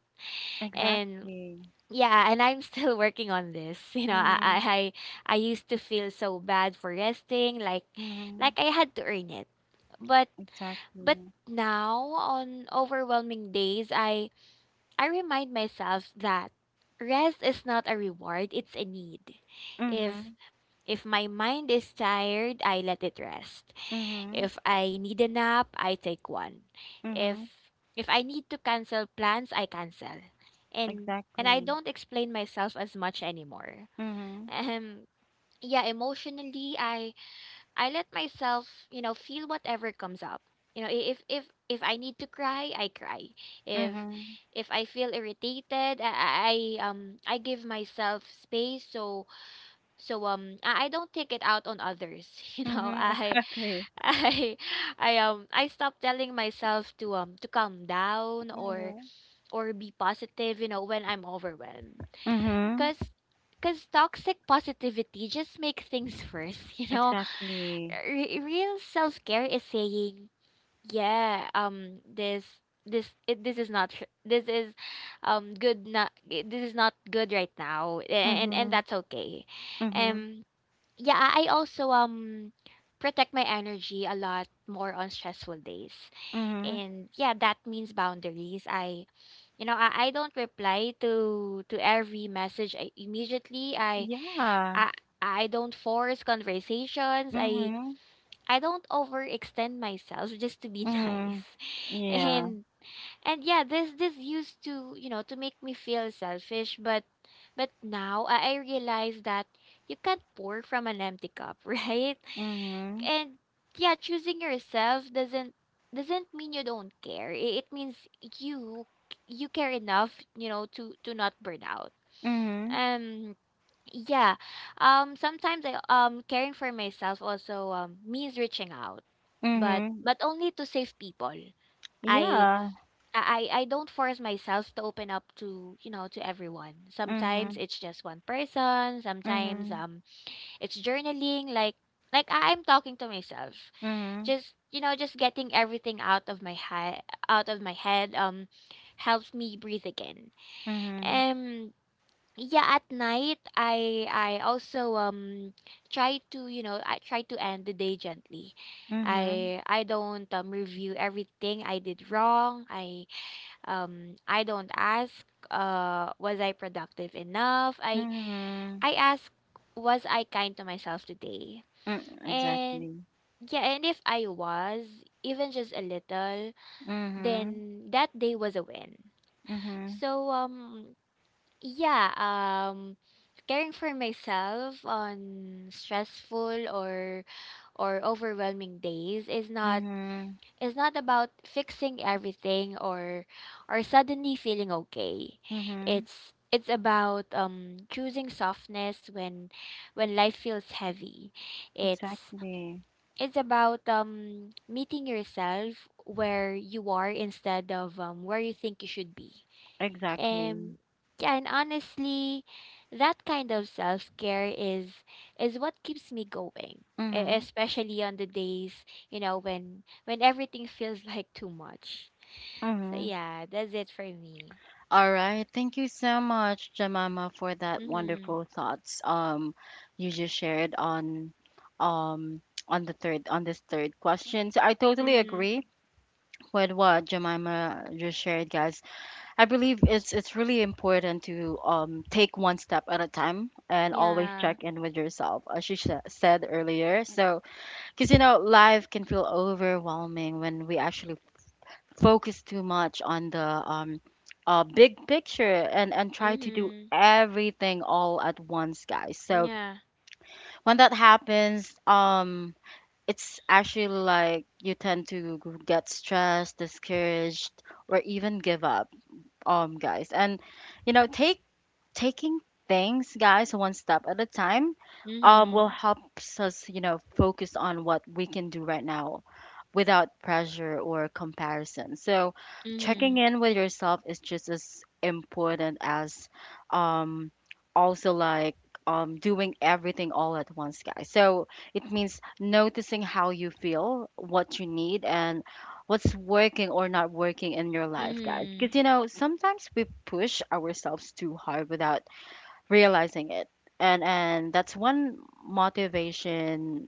Speaker 2: And
Speaker 1: Exactly.
Speaker 2: yeah, and I'm still (laughs) working on this, you know. i i
Speaker 1: Mhm.
Speaker 2: i I used to feel so bad for resting, like
Speaker 1: Mhm.
Speaker 2: like I had to earn it, but but
Speaker 1: Exactly.
Speaker 2: now on overwhelming days, i I remind myself that rest is not a reward, it's a need. If
Speaker 1: Mhm.
Speaker 2: if my mind is tired, I let it rest.
Speaker 1: Mhm.
Speaker 2: If I need a nap, I take one.
Speaker 1: Mhm.
Speaker 2: If if I need to cancel plans, I cancel. And and I
Speaker 1: Exactly.
Speaker 2: don't explain myself as much anymore. (laughs)
Speaker 1: Mhm.
Speaker 2: Um yeah, emotionally, I I let myself, you know, feel whatever comes up. You know, i- if if if I need to cry, I cry. If
Speaker 1: Mhm.
Speaker 2: if I feel irritated, I, I um I give myself space so so um I I don't take it out on others. (laughs) You know,
Speaker 1: Mhm. (laughs)
Speaker 2: I
Speaker 1: Exactly.
Speaker 2: (laughs) I I um I stop telling myself to um to calm down or
Speaker 1: Mhm.
Speaker 2: or be positive, you know, when I'm overwhelmed.
Speaker 1: Mhm.
Speaker 2: Cuz because toxic positivity just make things worse, (laughs) you know.
Speaker 1: Exactly.
Speaker 2: Re- real self care is saying, yeah um this this it, this is not sh- this is um good not this is not good right now, a- and and
Speaker 1: Mhm.
Speaker 2: that's okay.
Speaker 1: Mhm.
Speaker 2: um yeah, i I also um protect my energy a lot more on stressful days,
Speaker 1: Mhm.
Speaker 2: and yeah, that means boundaries. I you know I, I don't reply to to every message I, immediately. I
Speaker 1: Yeah.
Speaker 2: I I don't force conversations. i
Speaker 1: Mhm.
Speaker 2: I don't overextend myself (laughs) just to be (laughs)
Speaker 1: Mhm.
Speaker 2: nice.
Speaker 1: Yeah.
Speaker 2: And and yeah, this this used to, you know, to make me feel selfish, but but now I I realize that you can't pour from an empty cup, (laughs) right?
Speaker 1: Mhm.
Speaker 2: And yeah, choosing yourself doesn't doesn't mean you don't care. I- It means you you care enough, you know, to to not burn out.
Speaker 1: Mhm.
Speaker 2: Um yeah. Um sometimes I um caring for myself also um means reaching out. But
Speaker 1: Mhm.
Speaker 2: but only to save people. I
Speaker 1: Yeah.
Speaker 2: I I don't force myself to open up to, you know, to everyone. Sometimes
Speaker 1: Mhm.
Speaker 2: it's just one person, sometimes
Speaker 1: Mhm.
Speaker 2: um it's journaling like like I- I'm talking to myself.
Speaker 1: Mhm.
Speaker 2: Just, you know, just getting everything out of my head, out of my head um helps me breathe again.
Speaker 1: Mhm.
Speaker 2: Yeah, at night I I also um try to, you know, I try to end the day gently.
Speaker 1: Mhm.
Speaker 2: i I don't um, review everything I did wrong. I um I don't ask, uh was I productive enough. i
Speaker 1: Mhm.
Speaker 2: I ask, was I kind to myself today?
Speaker 1: Mm,
Speaker 2: And
Speaker 1: exactly.
Speaker 2: yeah, and if I was, even just a little,
Speaker 1: Mhm.
Speaker 2: then that day was a win.
Speaker 1: Mhm.
Speaker 2: So um yeah, um caring for myself on stressful or or overwhelming days is not
Speaker 1: Mhm.
Speaker 2: is not about fixing everything or or suddenly feeling okay.
Speaker 1: Mhm.
Speaker 2: It's it's about um choosing softness when when life feels heavy. It's
Speaker 1: Exactly.
Speaker 2: it's about um meeting yourself where you are instead of um where you think you should be.
Speaker 1: Exactly.
Speaker 2: Um, yeah, and honestly, that kind of self-care is is what keeps me going, e-
Speaker 1: Mhm.
Speaker 2: especially on the days, you know, when when everything feels (laughs) like too much. So
Speaker 1: Mhm.
Speaker 2: yeah, that's it for me.
Speaker 1: All right. Thank you so much, Jamama, for that
Speaker 2: Mhm.
Speaker 1: wonderful thoughts um you just shared on um on the third on this third question. So I totally
Speaker 2: Mhm.
Speaker 1: agree with what Jemima just shared, guys. I believe it's it's really important to um take one step at a time and always
Speaker 2: Yeah.
Speaker 1: check in with yourself, as she sh- said earlier. So, because you know, life can feel overwhelming when we actually focus too much on the um uh, big picture and and try to do
Speaker 2: Mhm.
Speaker 1: everything all at once, guys. So
Speaker 2: Yeah.
Speaker 1: when that happens, um, it's actually like you tend to get stressed, discouraged, or even give up, um, guys, and you know take taking things, guys, one step at a time, um, will
Speaker 2: Mhm.
Speaker 1: help us, you know, focus on what we can do right now without pressure or comparison. So, checking
Speaker 2: Mhm.
Speaker 1: in with yourself is just as important as, um, also like. Um, doing everything all at once, guys. So it means noticing how you feel, what you need, and what's working or not working in your life, guys.
Speaker 2: Mhm.
Speaker 1: Because, you know, sometimes we push ourselves too hard without realizing it, and and that's when motivation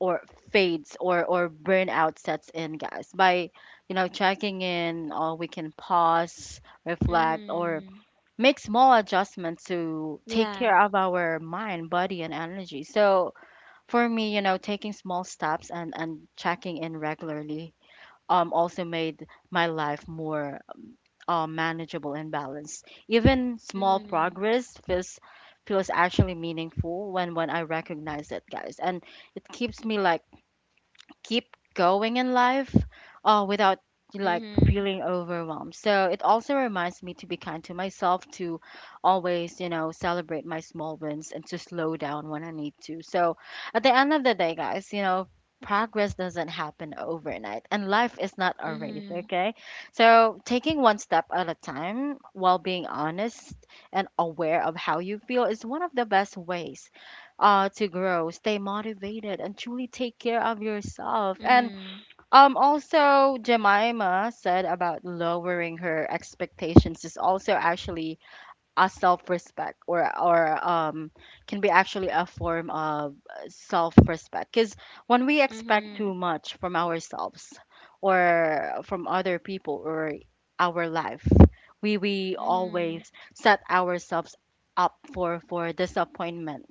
Speaker 1: or fades or or burnout sets in, guys. By, you know, checking in, or we can pause, reflect, or
Speaker 2: Mhm.
Speaker 1: make small adjustments to take
Speaker 2: Yeah.
Speaker 1: care of our mind, body, and energy. So for me, you know, taking small steps and and checking in regularly, um also made my life more uh, manageable and balanced. Even small
Speaker 2: Mhm.
Speaker 1: progress feels feels actually meaningful when when I recognize it, guys, and it keeps me like keep going in life uh, without like
Speaker 2: Mhm.
Speaker 1: feeling overwhelmed. So it also reminds me to be kind to myself, to always, you know, celebrate my small wins and to slow down when I need to. So at the end of the day, guys, you know, progress doesn't happen overnight and life is not a race,
Speaker 2: Mhm.
Speaker 1: okay? So taking one step at a time while being honest and aware of how you feel is one of the best ways uh, to grow, stay motivated, and truly take care of yourself. And
Speaker 2: Mhm.
Speaker 1: um, also, Jemima said about lowering her expectations is also actually a self-respect, or or um, can be actually a form of self-respect. Because when we expect
Speaker 2: Mhm.
Speaker 1: too much from ourselves, or from other people, or our life, we we
Speaker 2: Mhm.
Speaker 1: always set ourselves up for for disappointment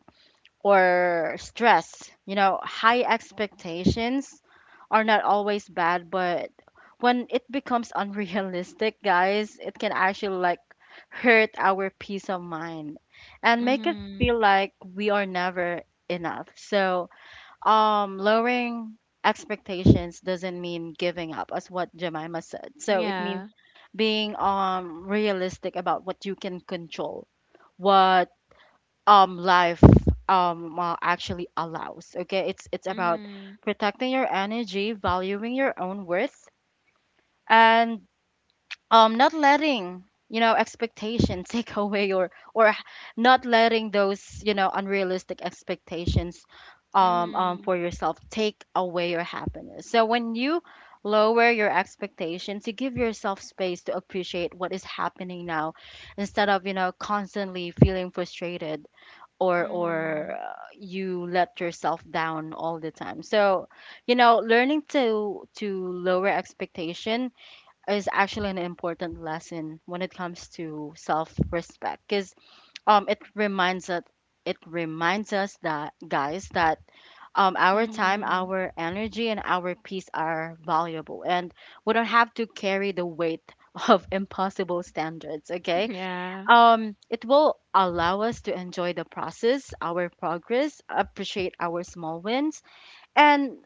Speaker 1: or stress. You know, high expectations are not always bad, but when it becomes (laughs) unrealistic, guys, it can actually like hurt our peace of mind and make us
Speaker 2: Mhm.
Speaker 1: feel like we are never enough. So, um lowering expectations doesn't mean giving up, as what Jemima said. So, it
Speaker 2: Yeah.
Speaker 1: means being um realistic about what you can control, what um life um uh, actually allows. Okay, it's it's about
Speaker 2: Mhm.
Speaker 1: protecting your energy, valuing your own worth, and um not letting, you know, expectation (laughs) take away, or or not letting those, you know, unrealistic expectations um, um
Speaker 2: Mhm.
Speaker 1: for yourself take away your happiness. So when you lower your expectations, you give yourself space to appreciate what is happening now, instead of, you know, constantly feeling frustrated or
Speaker 2: Mhm.
Speaker 1: or uh, you let yourself down all the time. So you know, learning to to lower expectation is actually an important lesson when it comes to self respect, because um it reminds us, it reminds us that, guys, that um our time,
Speaker 2: Mhm.
Speaker 1: our energy, and our peace are valuable, and we don't have to carry the weight of (laughs) impossible standards. Okay,
Speaker 2: Yeah.
Speaker 1: um, it will allow us to enjoy the process, our progress, appreciate our small wins, and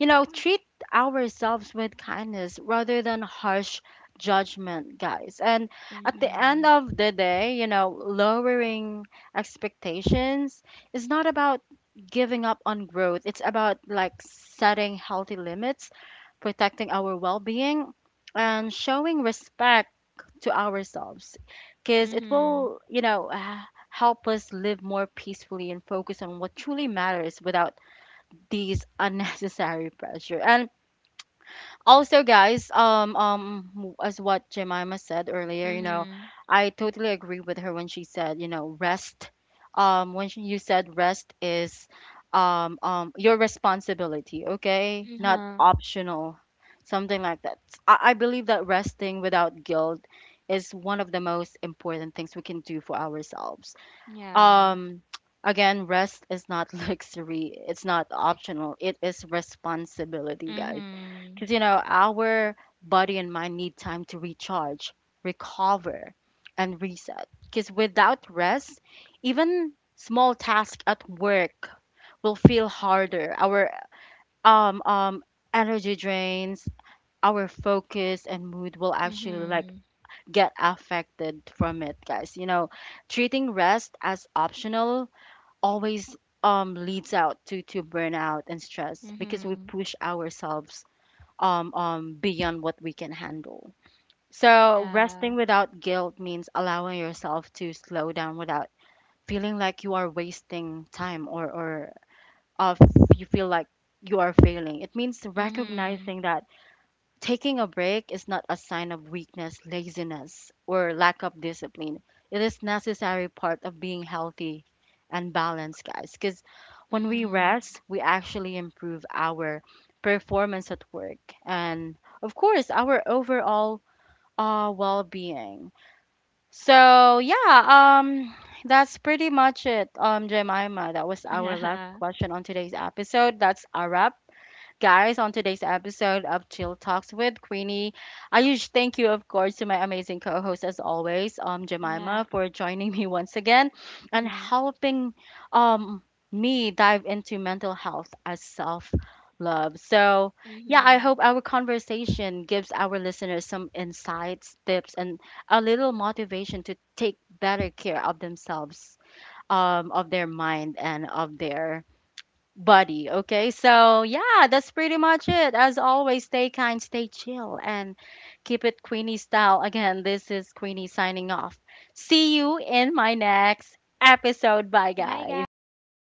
Speaker 1: you know, treat ourselves with kindness rather than harsh judgment, guys. And at the end
Speaker 2: Mhm.
Speaker 1: of the day, you know, lowering expectations is not about giving up on growth. It's about like setting healthy limits, protecting our well-being, and showing respect to ourselves, because it
Speaker 2: Mhm.
Speaker 1: will, you know, h- help us live more peacefully and focus on what truly matters without these unnecessary pressure. And also, guys, um, um, as what Jemima said earlier, you know,
Speaker 2: Mhm.
Speaker 1: I totally agree with her when she said, you know, rest. Um, when she, you said rest is, um, um, your responsibility, okay, not
Speaker 2: Uh-huh.
Speaker 1: optional, something like that. I, I believe that resting without guilt is one of the most important things we can do for ourselves.
Speaker 2: Yeah.
Speaker 1: Um, (tsk) again, rest is not (laughs) luxury. It's not optional. It is responsibility, guys.
Speaker 2: Mhm.
Speaker 1: Because, you know, our body and mind need time to recharge, recover, and reset. Because without rest, even small tasks at work will feel harder. Our um um energy drains, our focus and mood will actually like
Speaker 2: Mhm.
Speaker 1: get affected from it, guys. You know, treating rest as optional always um leads out to to burnout and stress, because we
Speaker 2: Mhm.
Speaker 1: push ourselves um um beyond what we can handle. So
Speaker 2: Yeah.
Speaker 1: resting without guilt means allowing yourself to slow down without feeling like you are wasting time, or or of you feel like you are failing. It means
Speaker 2: Mhm.
Speaker 1: recognizing that taking a break is not a sign of weakness, laziness, or lack of discipline. It is necessary part of being healthy and balanced, guys. Because when we
Speaker 2: Mhm.
Speaker 1: rest, we actually improve our performance at work and, of course, our overall uh, well-being. So yeah, um, that's pretty much it, um, Jemima. That was our last
Speaker 2: (laughs)
Speaker 1: question on today's episode. That's a wrap, guys, on today's episode of Chill Talks with Queenie. A huge thank you, of course, to my amazing co host, as always, um,
Speaker 2: Yeah. Yeah.
Speaker 1: Jemima, for joining me once again and
Speaker 2: Mhm.
Speaker 1: helping um, me dive into mental health as self love. So, yeah, I
Speaker 2: Mhm.
Speaker 1: hope our conversation gives our listeners some insights, tips, and a little motivation to take better care of themselves, um, of their mind, and of their buddy. Okay, so yeah, that's pretty much it. As always, stay kind, stay chill, and keep it Queenie style. Again, this is Queenie signing off. See you in my next episode. Bye,
Speaker 2: Bye,
Speaker 1: guys.
Speaker 2: guys.